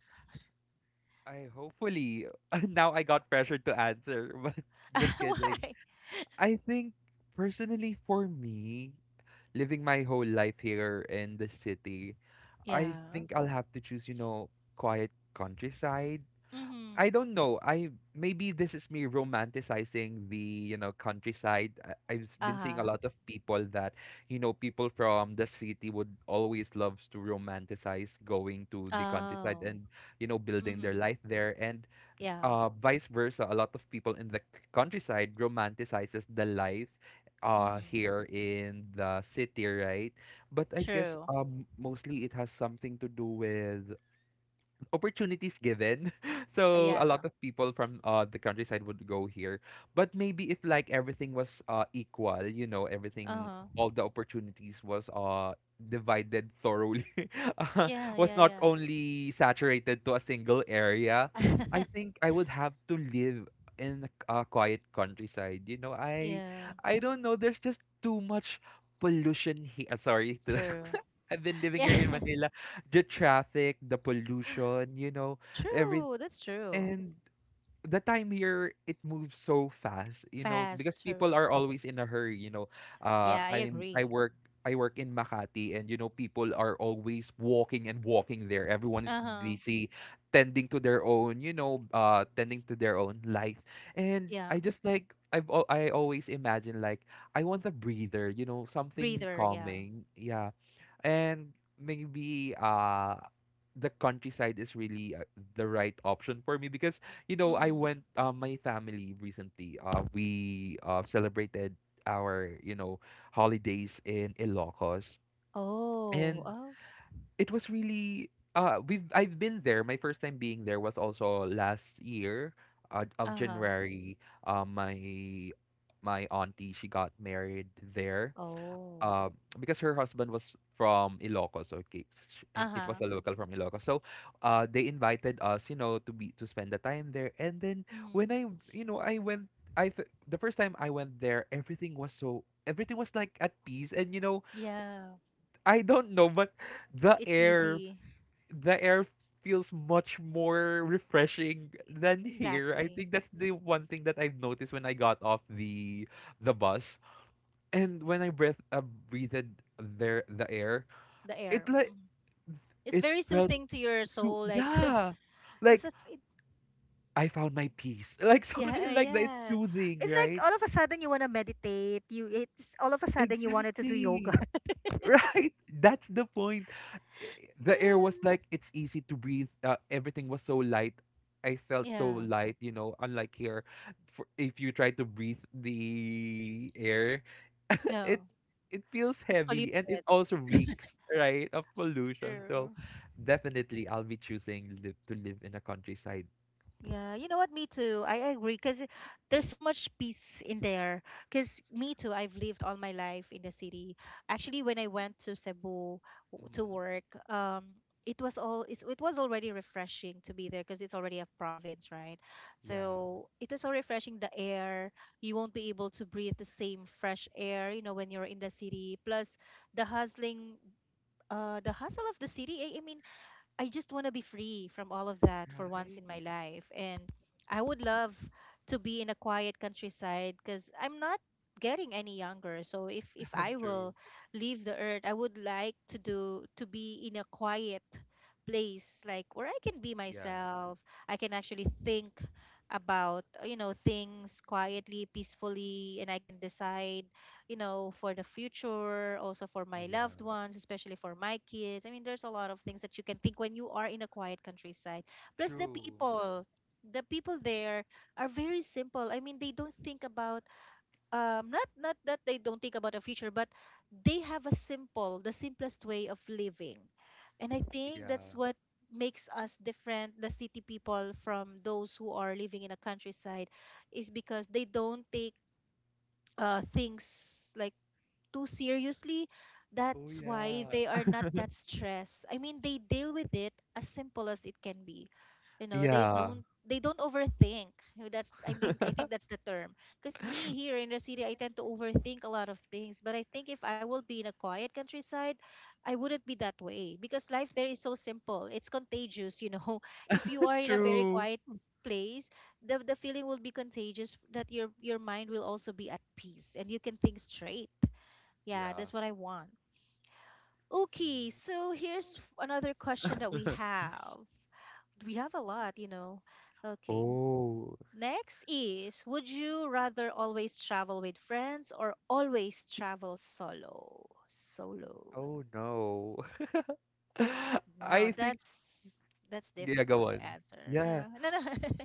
I hopefully now I got pressured to answer, but just kidding.
Why?
I think personally for me, living my whole life here in the city, I
Yeah.
think I'll have to choose, you know, quiet countryside. I
Mhm.
don't know. I Maybe this is me romanticizing the, you know, countryside. I've been seeing a
Uh-huh.
lot of people that, you know, people from the city would always loves to romanticize going to the countryside
Oh.
and, you know, building their
Mhm.
life there. And
Yeah.
vice versa, a lot of people in the countryside romanticizes the life
Mhm.
here in the city, right? But I guess
True.
mostly it has something to do with opportunities given. So a
Yeah.
lot of people from the countryside would go here. But maybe if like everything was equal, you know, everything,
Uh-huh.
all the opportunities was divided thoroughly,
Yeah,
was
yeah,
not
yeah.
only saturated to a single area. I think I would have to live in a quiet countryside. You know,
Yeah.
I don't know, there's just too much pollution here. Sorry.
True.
I've been living here in
Yeah.
Manila, the traffic, the pollution, you know, every,
True. That's true.
and the time here it moves so fast, you know, because people
Faster.
are always in a hurry, you know. Uh
Yeah, I
I'm I
agree.
work I work in Makati and you know people are always walking and walking there. Everyone is
Uh-huh.
busy tending to their own, you know, tending to their own life. And
Yeah.
I just like I always imagine like I want a breather, you know, something
Breather, yeah.
calming. Yeah, and maybe the countryside is really the right option for me because you know I
Mm.
went my family recently we celebrated our you know holidays in Ilocos.
Oh,
And
oh.
it was really we've I've been there, my first time being there was also last year, of
Uh-huh.
January. uh my my auntie she got married there,
Oh.
uh, because her husband was from Ilocos, okay, it was
Uh-huh.
a local from Ilocos. So, they invited us, you know, to be to spend the time there. And then
Mm-hmm.
when I, you know, I went, the first time I went there, everything was so everything was like at peace. And you know,
Yeah.
I don't know, but the
It's
air,
easy.
the air feels much more refreshing than here. I
Exactly.
think that's the one thing that I've noticed when I got off the bus, and when I breathed there the air,
The
it
air.
like
Mhm. It's
it
very
felt
soothing to your
so
soul. Like
yeah,
it's
like
a it,
I found my peace, like
yeah,
something like that. It's
yeah.
soothing,
It's
right?
like all of a sudden you want to meditate. You It's all of a sudden you wanted to do yoga.
Exactly. Right? That's the point. Eh, the air was like
Yeah.
it's easy to breathe. Everything was so light. I felt so
Yeah.
light, you know, unlike here. For, if you try to breathe the air,
Yeah.
it it feels
It's polluted.
heavy and it also reeks, right, of pollution. So
True.
definitely I'll be choosing live, to live in a countryside.
Yeah, you know what? Me too. I agree, because there's so much peace in there. Because me too, I've lived all my life in the city. Actually, when I went to Cebu to
Hmm.
work, it was already refreshing to be there because it's already a province, right?
Yeah.
So it was so refreshing. The air, you won't be able to breathe the same fresh air, when you're in the city. Plus, the hustling, the hustle of the city. I mean, I just want to be free from all of that for once
Right?
in my life. And I would love to be in a quiet countryside because I'm not getting any younger. So if I
True.
will leave the earth, I would like to be in a quiet place like where I can be
Yeah.
myself. I can actually think about things quietly, peacefully, and I can decide, for the future, also for
Oh
my
yeah.
loved ones, especially for my kids. I mean, there's a lot of things that you can think when you are in a quiet countryside. Plus, the
True.
people, the people there are very simple. I mean, they don't think about, not that they don't think about the future, but they have the simplest way of living. And I think that's
Yeah.
what makes us different, the city people from those who are living in a countryside, is because they don't take things like too seriously,
Oh
that's why
yeah.
they are not that stressed. I mean, they deal with it as simple as it can be. You know, they
Yeah.
don't they don't overthink. You know, That's I mean, I think that's the term. Because me here in the city, I tend to overthink a lot of things. But I think if I will be in a quiet countryside, I wouldn't be that way because life there is so simple. It's contagious. If you are in a very
True.
quiet place, the feeling will be contagious that your mind will also be at peace and you can think straight. Yeah,
Yeah.
that's what I want. Okay,
See?
so here's another question that we have. We have a lot. Okay.
Oh.
Next is, would you rather always travel with friends or always travel solo? Solo.
Oh no.
Now
I think
that's
yeah,
difficult
go on.
to answer.
Yeah.
Yeah. No, no.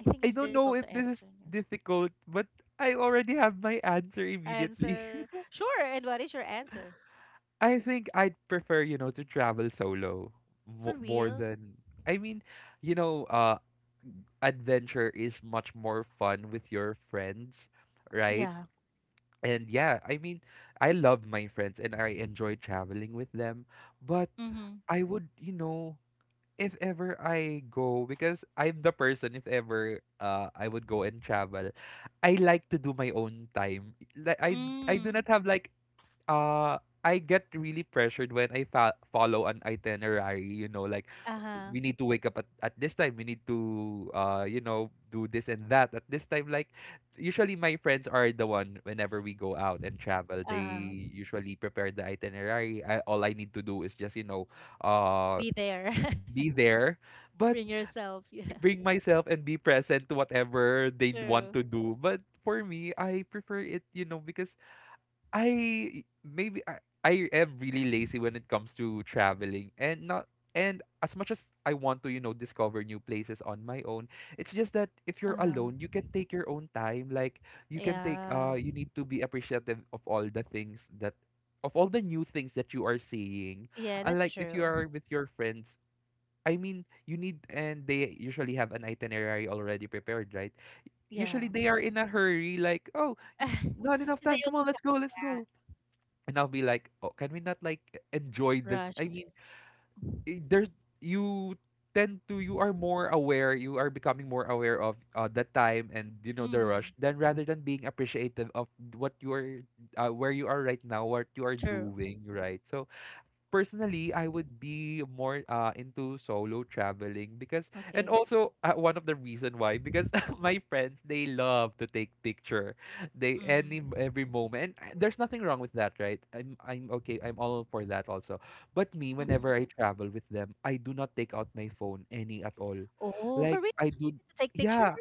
I think
I
it's
don't know
difficult
if
to
this is
answer. Yes.
difficult, but I already have my answer immediately.
Answer. Sure. And what is your answer?
I think I'd prefer, you know, to travel solo,
For
mo more
real?
than I mean, you know, adventure is much more fun with your friends, right?
Yeah.
And yeah, I mean, I love my friends and I enjoy traveling with them, but
Mm-hmm.
I would, you know, if ever I go, because I'm the person, if ever I would go and travel, I like to do my own time. I do
Mm.
not have like uh I get really pressured when I follow an itinerary, you know, like
Uh-huh.
we need to wake up at this time, we need to you know, do this and that at this time, like usually my friends are the one whenever we go out and travel, they
Uh-huh.
usually prepare the itinerary. I, all I need to do is just, you know, uh
Be there.
be there, but
Bring yourself. Yeah.
bring myself and be present to whatever they want
True.
to do. But for me, I prefer it, you know, because I maybe I am really lazy when it comes to traveling and not, and as much as I want to, you know, discover new places on my own, it's just that if you're
Uh,
alone, you can take your own time. Like you can take
yeah.
you need to be appreciative of all the things that, of all the new things that you are seeing.
Yeah, that's
Unlike if you
true.
are with your friends, I mean, you need, and they usually have an itinerary already prepared, right? Usually
Yeah.
they are in a hurry, like, oh, not enough
Because they
time. Come on, let's
always
go, let's go, and I'll be like, oh, can we not like enjoy this?
rush.
I mean, I- there's you tend to you are more aware, you are becoming more aware of the time and you know the
Mm-hmm.
rush. Then rather than being appreciative of what you are, where you are right now, what you are
True.
doing, right? So personally, I would be more into solo traveling because, and
Okay.
also one of the reason why because my friends they love to take picture, they any
Mm-hmm.
every moment. And there's nothing wrong with that, right? I'm okay. I'm all for that also. But me,
Mm-hmm.
whenever I travel with them, I do not take out my phone any at all.
Oh, for
Like
real?
I
To
do,
take pictures?
yeah.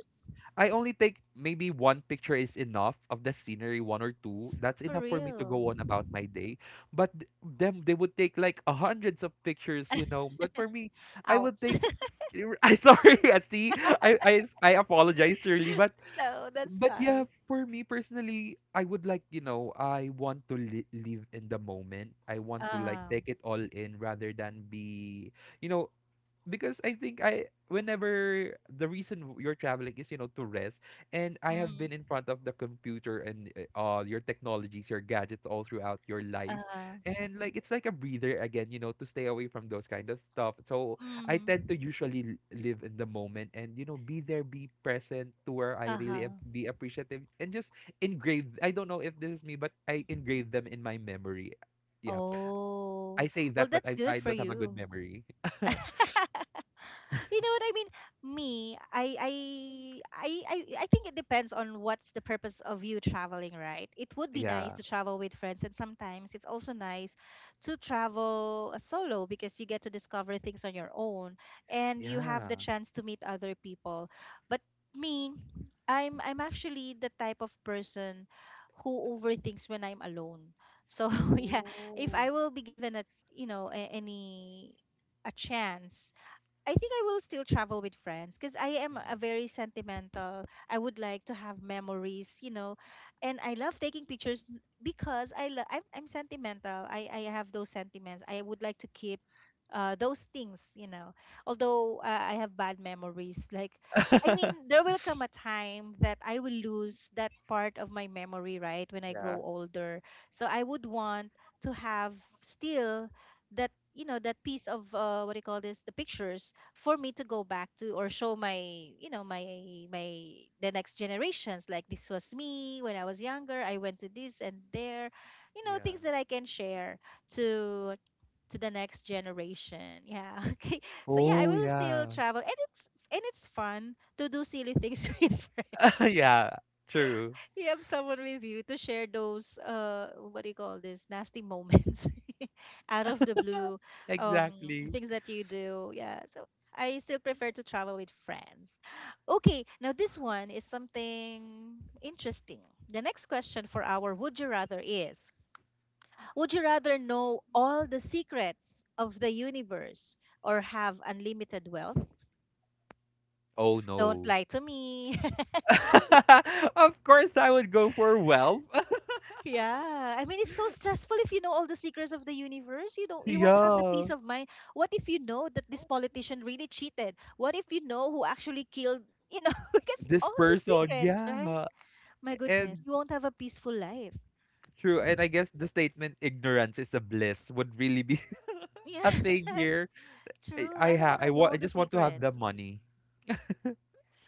I only take maybe one picture is enough of the scenery, one or two. That's
For
enough for me to
real.
go on about my day. But them, they would take like a hundreds of pictures, you know. But for me, I
Ouch.
would take. I sorry, I see. I I I apologize, Shirley. But
No, that's
but yeah,
fine.
for me personally, I would like you know I want to live in the moment. I want to like
Uh-huh.
take it all in rather than be you know because I think I whenever the reason you're traveling is you know to rest, and I have been
Mm-hmm.
in front of the computer and all your technologies your gadgets all throughout your life,
Uh-huh.
and like it's like a breather again, you know, to stay away from those kind of stuff. So I
Mm-hmm.
tend to usually live in the moment, and you know be there, be present to where I really am,
Uh-huh.
be appreciative, and just engrave, I don't know if this is me but I engrave them in my memory, yeah.
Oh,
I say
well,
that but
that's
I
good
I
for
don't have a good
you.
memory.
You know what I mean? Me, I think it depends on what's the purpose of you traveling, right? It would be nice
Yeah.
to travel with friends, and sometimes it's also nice to travel solo because you get to discover things on your own and you have the
Yeah.
chance to meet other people. But me, I'm actually the type of person who overthinks when I'm alone. So yeah, if
Oh.
I will be given a, you know, a, any a chance, I think I will still travel with friends because I am a
Mm.
very sentimental. I would like to have memories, and I love taking pictures because I'm sentimental. I have those sentiments. I would like to keep those things. Although I have bad memories, like I mean, there will come a time that I will lose that part of my memory, right, when I grow
Yeah.
older. So I would want to have still that you know that piece of what do you call this, the pictures for me to go back to or show my you know my my the next generations, like this was me when I was younger, I went to this and there you know
Yeah.
things that I can share to to the next generation, yeah. Okay, so yeah, I
Oh,
will still
yeah.
travel, and it's fun to do silly things with friends.
Yeah, true.
You have someone with you to share those what do you call this, nasty moments out of the blue, um
Exactly.
things that you do, yeah, so I still prefer to travel with friends. Okay, now this one is something interesting. The next question for our would you rather is, would you rather know all the secrets of the universe or have unlimited wealth?
Oh,
Don't
no.
lie to me.
Of course, I would go for wealth.
Yeah, I mean it's so stressful if you know all the secrets of the universe. You won't have the peace
Yeah.
of mind. What if you know that this politician really cheated? What if you know who actually killed, because
This
all the
person,
secrets, right?
yeah.
My goodness,
And
you won't have a peaceful life.
true. And I guess the statement ignorance is a bliss would really be a
Yeah.
thing here. I
True.
I
I don't
ha
want
I
to know
want I
all the
just want to have
secrets.
the money.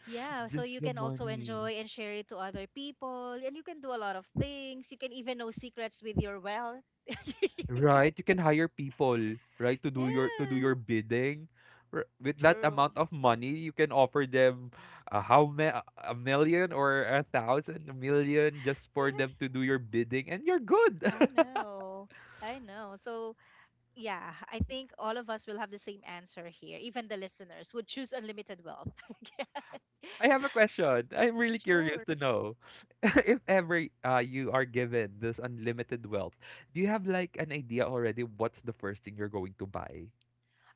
Yeah, so
Just
you
the
can also
money.
enjoy and share it to other people and you can do a lot of things. You can even know secrets with your wealth.
Right, you can hire people, right, to do
Yeah.
your bidding. With that
True.
amount of money, you can offer them how ma a million or a thousand, a million, just for them
Yeah,
to do your bidding, and you're good.
I know. I know. So, yeah, I think all of us will have the same answer here. Even the listeners would choose unlimited wealth. Yeah,
I have a question. I'm really curious
sure.
to know if ever you are given this unlimited wealth, do you have like an idea already what's the first thing you're going to buy?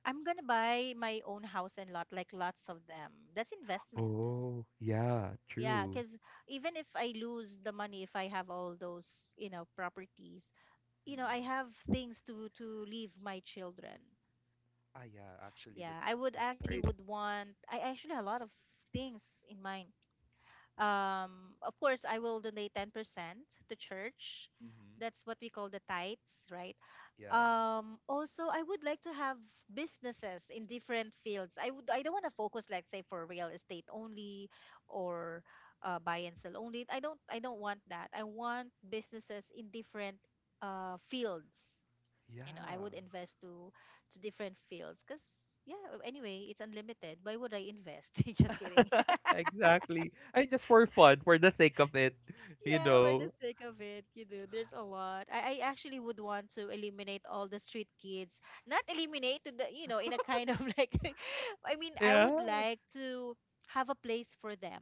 I'm gonna buy my own house and lot, like lots of them. That's investment.
Oh, yeah,
Yeah,
true.
because even if I lose the money, if I have all those properties, you know, I
Mm-mm.
have things to leave my children.
Ah, yeah, actually,
Yeah,
that's
I would
that's
actually
right.
would want. I actually have a lot of things in mind. Of course, I will donate 10% to church.
Mm-hmm.
That's what we call the tithes, right?
Yeah.
Also, I would like to have businesses in different fields. I don't want to focus, like say for real estate only, or buy and sell only. I don't want that. I want businesses in different fields.
Yeah.
You know, I would invest to different fields because yeah, anyway, it's unlimited, why would I invest? Just kidding.
Exactly. And just for fun, for the sake of it, you
Yeah, for the
know.
sake of it, there's a lot. I actually would want to eliminate all the street kids. Not eliminate to the, in a kind of like, I mean, I would
Yeah.
like to have a place for them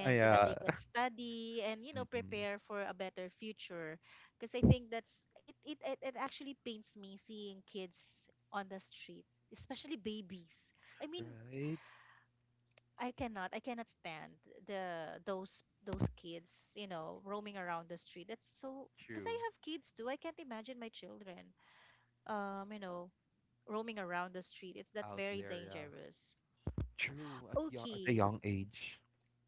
Ah,
so that they can
yeah.
study and, you know,
Mm-mm.
prepare for a better future. Because I think that's, it actually pains me seeing kids on the street, especially babies. I mean,
Right?
I cannot. I cannot stand the those kids, you know, roaming around the street. That's so because I
True.
have kids too. I can't imagine my children, um, you know, roaming around the street. It's that's
Out
very
there, yeah.
dangerous.
True. At, young, at a
Okay.
young age.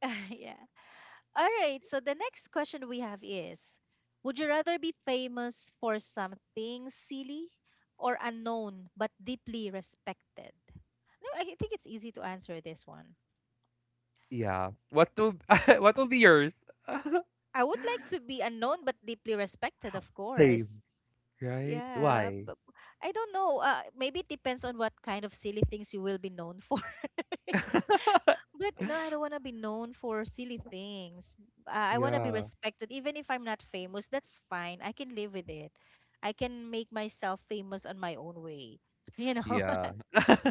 Yeah. All right. So the next question we have is, would you rather be famous for something silly or unknown but deeply respected? No, I think it's easy to answer this one.
Yeah. What to what will be yours?
I would like to be unknown but deeply respected, of
Same,
course.
right?
Yeah,
Why?
but I don't know. Maybe it depends on what kind of silly things you will be known for. But no, I don't want to be known for silly things. I want to be
Yeah.
respected, even if I'm not famous. That's fine. I can live with it. I can make myself famous on my own way. You know,
Yeah.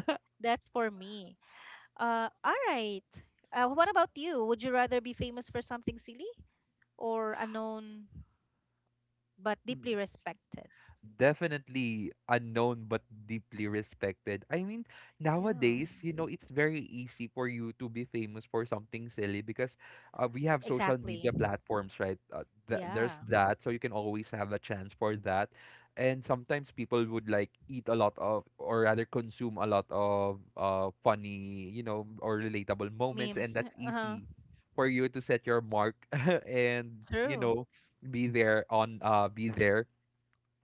that's for me. All right. What about you? Would you rather be famous for something silly or unknown but deeply respected?
Definitely unknown but deeply respected. I mean,
Yeah,
nowadays, you know, it's very easy for you to be famous for something silly because we have social
exactly.
media platforms, right? There's
Yeah,
that, so you can always have a chance for that. And sometimes people would like eat a lot of, or rather consume a lot of funny, you know, or relatable moments,
memes.
and that's
Uh-huh.
easy for you to set your mark and you
True.
know be there on be there,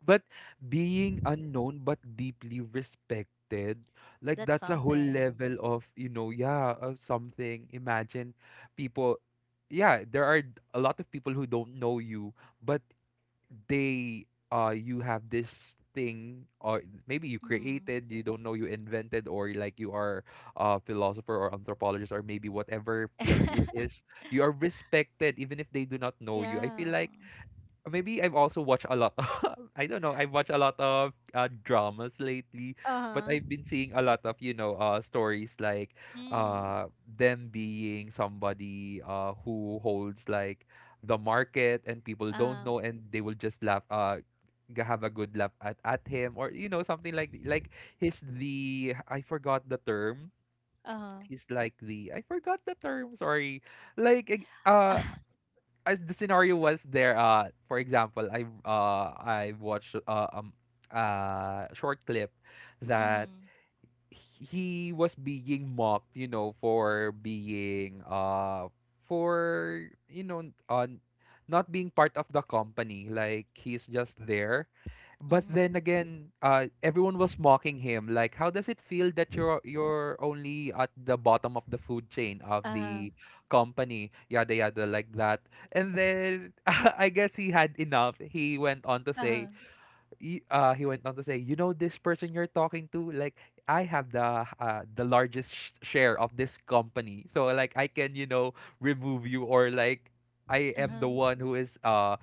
but being unknown but deeply respected, like
That's
that's a whole
something.
level of, you know, yeah, something. Imagine people, yeah, there are a lot of people who don't know you, but they, you have this thing, or maybe you
Mm.
created, you don't know you invented, or like you are a philosopher or anthropologist, or maybe whatever field it is, you are respected even if they do not know you. I feel
Yeah.
like maybe I've also watched a lot of, I don't know, I've watched a lot of dramas lately, but
Uh-huh.
I've been seeing a lot of, you know, stories like
Mm.
uh, them being somebody who holds like the market and people don't
Uh-huh.
know and they will just laugh, have a good laugh at him or, you know, something like he's the, I forgot the term.
Uh-huh.
He's like the I forgot the term, sorry. Like the scenario was there. For example, I watched a short clip
Uh-huh.
that
Mm.
he was being mocked, you know, for being for you know on not being part of the company. Like he's just there. But
Mm.
then again, everyone was mocking him. Like how does it feel that you're only at the bottom of the food chain of
Uh-huh.
the company? Yada yada like that. And then I guess he had enough. He went on to say
Uh-huh.
he went on to say, "You know this person you're talking to? Like I have the largest share of this company, so like I can you know remove you or like." I am the
Uh-huh.
one who is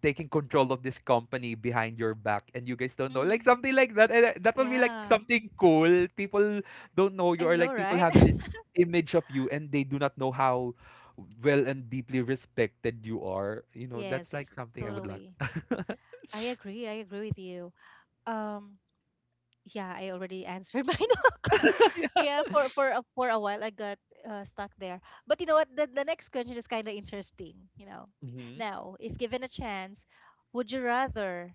taking control of this company behind your back, and you guys don't know, like
Mm.
something like that. And that will be like
Yeah.
something cool. People don't know you,
I
or
know,
like people
right?
have this image of you, and they do not know how well and deeply respected you are. You know,
Yes,
that's like something I would like.
totally. I agree. I agree with you. Um yeah, I already answered mine. Yeah, for a while I got stuck there. But you know what? The next question is kind of interesting. You know,
Mhm.
now if given a chance, would you rather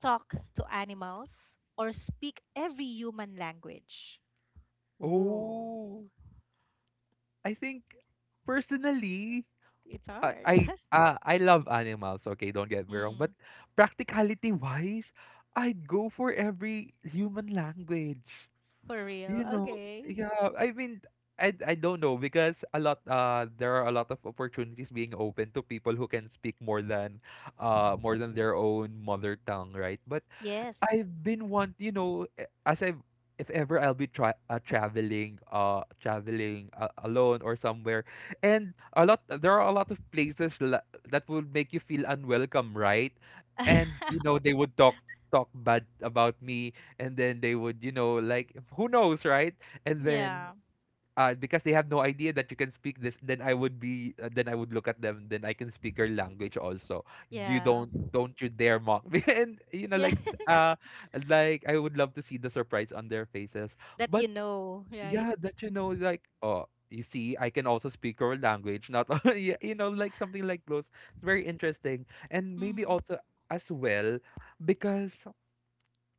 talk to animals or speak every human language? Ooh,
Oh, I think personally,
it's
I
hard.
I I love animals. Okay, don't get me wrong, but
Mm,
practicality wise, I'd go for every human language.
for real?
You know,
Okay.
yeah. I mean, I don't know because a lot there are a lot of opportunities being open to people who can speak more than their own mother tongue, right? But
Yes.
I've been want you know as I if ever I'll be traveling traveling alone or somewhere, and a lot there are a lot of places that would make you feel unwelcome, right? And you know they would talk talk bad about me, and then they would you know like who knows, right? And
Yeah.
then, because they have no idea that you can speak this, then I would be, then I would look at them, then I can speak your language also. You
Yeah.
don't you dare mock me. And you know
Yeah.
uh like I would love to see the surprise on their faces.
That you
But
know, right?
yeah, that you know like oh you see I can also speak your language, not yeah, you know like something like those. It's very interesting. And maybe
Mm,
also as well because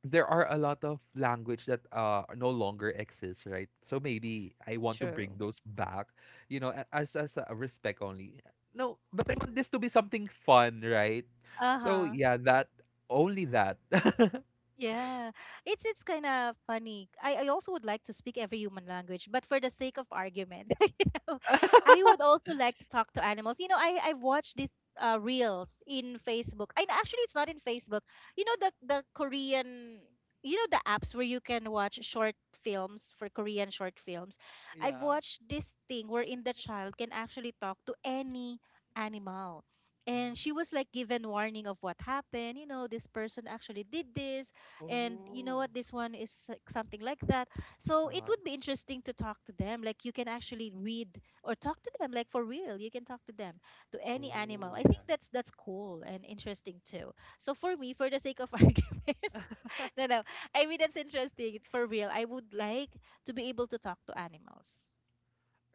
there are a lot of language that no longer exists, right? So maybe I want to bring
true.
those back, you know, as a respect only. No, but I want this to be something fun, right?
Uh
So
huh.
yeah, that only that.
Yeah, it's kind of funny. I also would like to speak every human language, but for the sake of argument, you know, I would also like to talk to animals. You know, I've watched these reels in Facebook, and actually, it's not in Facebook. You know, the Korean, the apps where you can watch short films for Korean short films. I've
Yeah.
watched this thing wherein the child can actually talk to any animal. And
Mhm.
she was like given warning of what happened. This person actually did this, and you know
Oh.
what, this one is like something like that, so it
Uh-huh.
would be interesting to talk to them, like you can actually read or talk to them, like for real you can talk to them to any animal.
Oh
I think
yeah.
that's cool and interesting too. So for me, for the sake of argument, no, no, I mean that's interesting, for real, I would like to be able to talk to animals,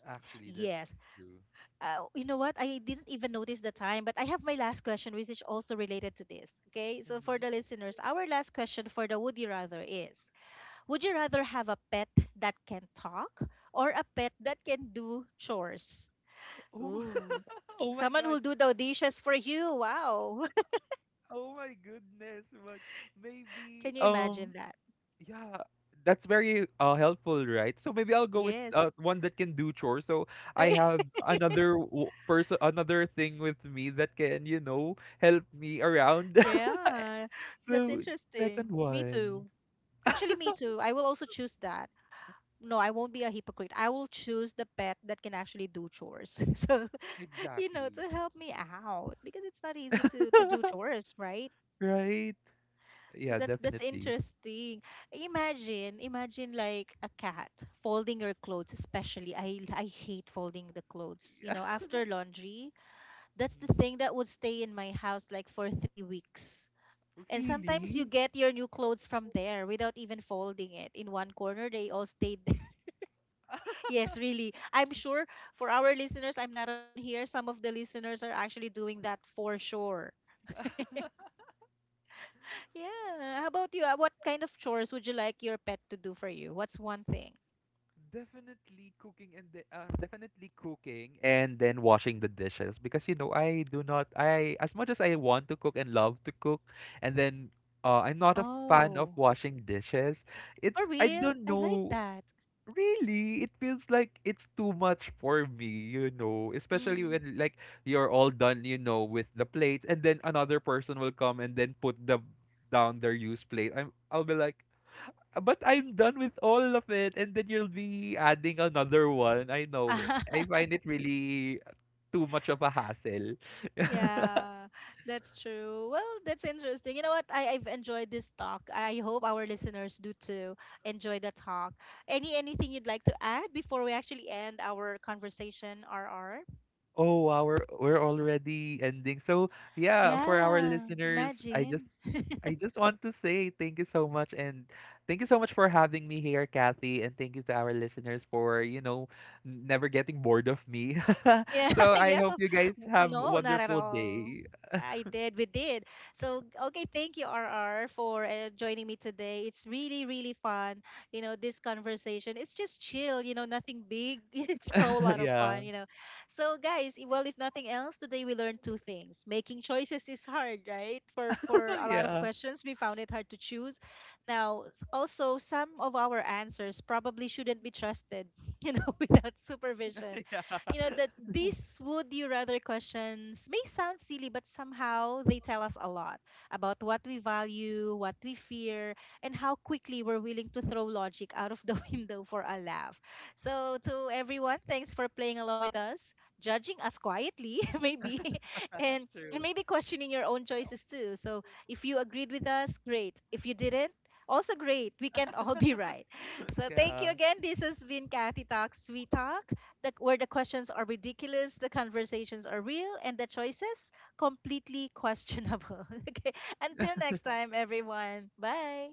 Actually, that's
yes.
true.
You know what, I didn't even notice the time, but I have my last question which is also related to this. Okay, so for the
Hmm.
listeners, our last question for the woody rather is, would you rather have a pet that can talk or a pet that can do chores?
Oh.
Ooh.
Oh my
Someone
god.
who'll do the dishes for you. Wow.
Oh my goodness. But maybe
Can you imagine that?
yeah, that's very helpful, right? So maybe I'll go with
Yes.
one that can do chores. So I
I-
have another person, another thing with me that can, you know, help me around.
yeah. That's
So second
interesting. Me
one.
too. Actually, me too. I will also choose that. No, I won't be a hypocrite. I will choose the pet that can actually do chores. So,
Exactly,
to help me out because it's not easy to do chores, right?
right?
So
Yeah,
that's
definitely.
interesting. Imagine, imagine like a cat folding your clothes, especially. I hate folding the clothes. You
Yeah.
know, after laundry, that's the
Mhm.
thing that would stay in my house like for 3 weeks. And sometimes you
Really?
get your new clothes from there without even folding it. In one corner, they all stayed there. Yes, really. I'm sure for our listeners, I'm not alone here. Some of the listeners are actually doing that for sure. Yeah. How about you? What kind of chores would you like your pet to do for you? What's one thing?
Definitely cooking and the, definitely cooking and then washing the dishes because you know I do not I as much as I want to cook and love to cook, and then I'm not a fan of
Oh,
washing dishes.
for
It's I
real?
don't
I like
know.
that.
Really, it feels like it's too much for me, you know, especially
Mm.
when like you're all done, you know, with the plates and then another person will come and then put the down their used plate. I'm I'll be like, but I'm done with all of it and then you'll be adding another one. I know. It. I find it really too much of a hassle.
Yeah, that's true. Well, that's interesting. You know what? I've enjoyed this talk. I hope our listeners do too, enjoy the talk. Anything you'd like to add before we actually end our conversation, RR?
Oh wow, we're already ending. So yeah, for our
Yeah,
listeners, I just
imagine.
I just want to say thank you so much, and thank you so much for having me here, Kathy, and thank you to our listeners for, you know, never getting bored of me.
Yeah,
So I
yes,
hope you guys have a
no, not at
wonderful
all.
day.
I did, we did. So, okay, thank you, RR, for joining me today. It's really, really fun. You know, this conversation, it's just chill, nothing big. It's a whole lot of fun,
Yeah.
you know. So, guys, well, if nothing else, today we learned two things. Making choices is hard, right? For a lot of
Yeah.
questions, we found it hard to choose. Now, also, some of our answers probably shouldn't be trusted, without supervision.
Yeah.
You know that these would you rather questions may sound silly, but somehow they tell us a lot about what we value, what we fear, and how quickly we're willing to throw logic out of the window for a laugh. So to everyone, thanks for playing along with us, judging us quietly, maybe, and
True.
maybe questioning your own choices too. So if you agreed with us, great. If you didn't, also great. We can't all be right. So thank you
Yeah.
again. This has been Kathy Talks We Talk, where the questions are ridiculous, the conversations are real, and the choices completely questionable. Okay, until next time, everyone. Bye.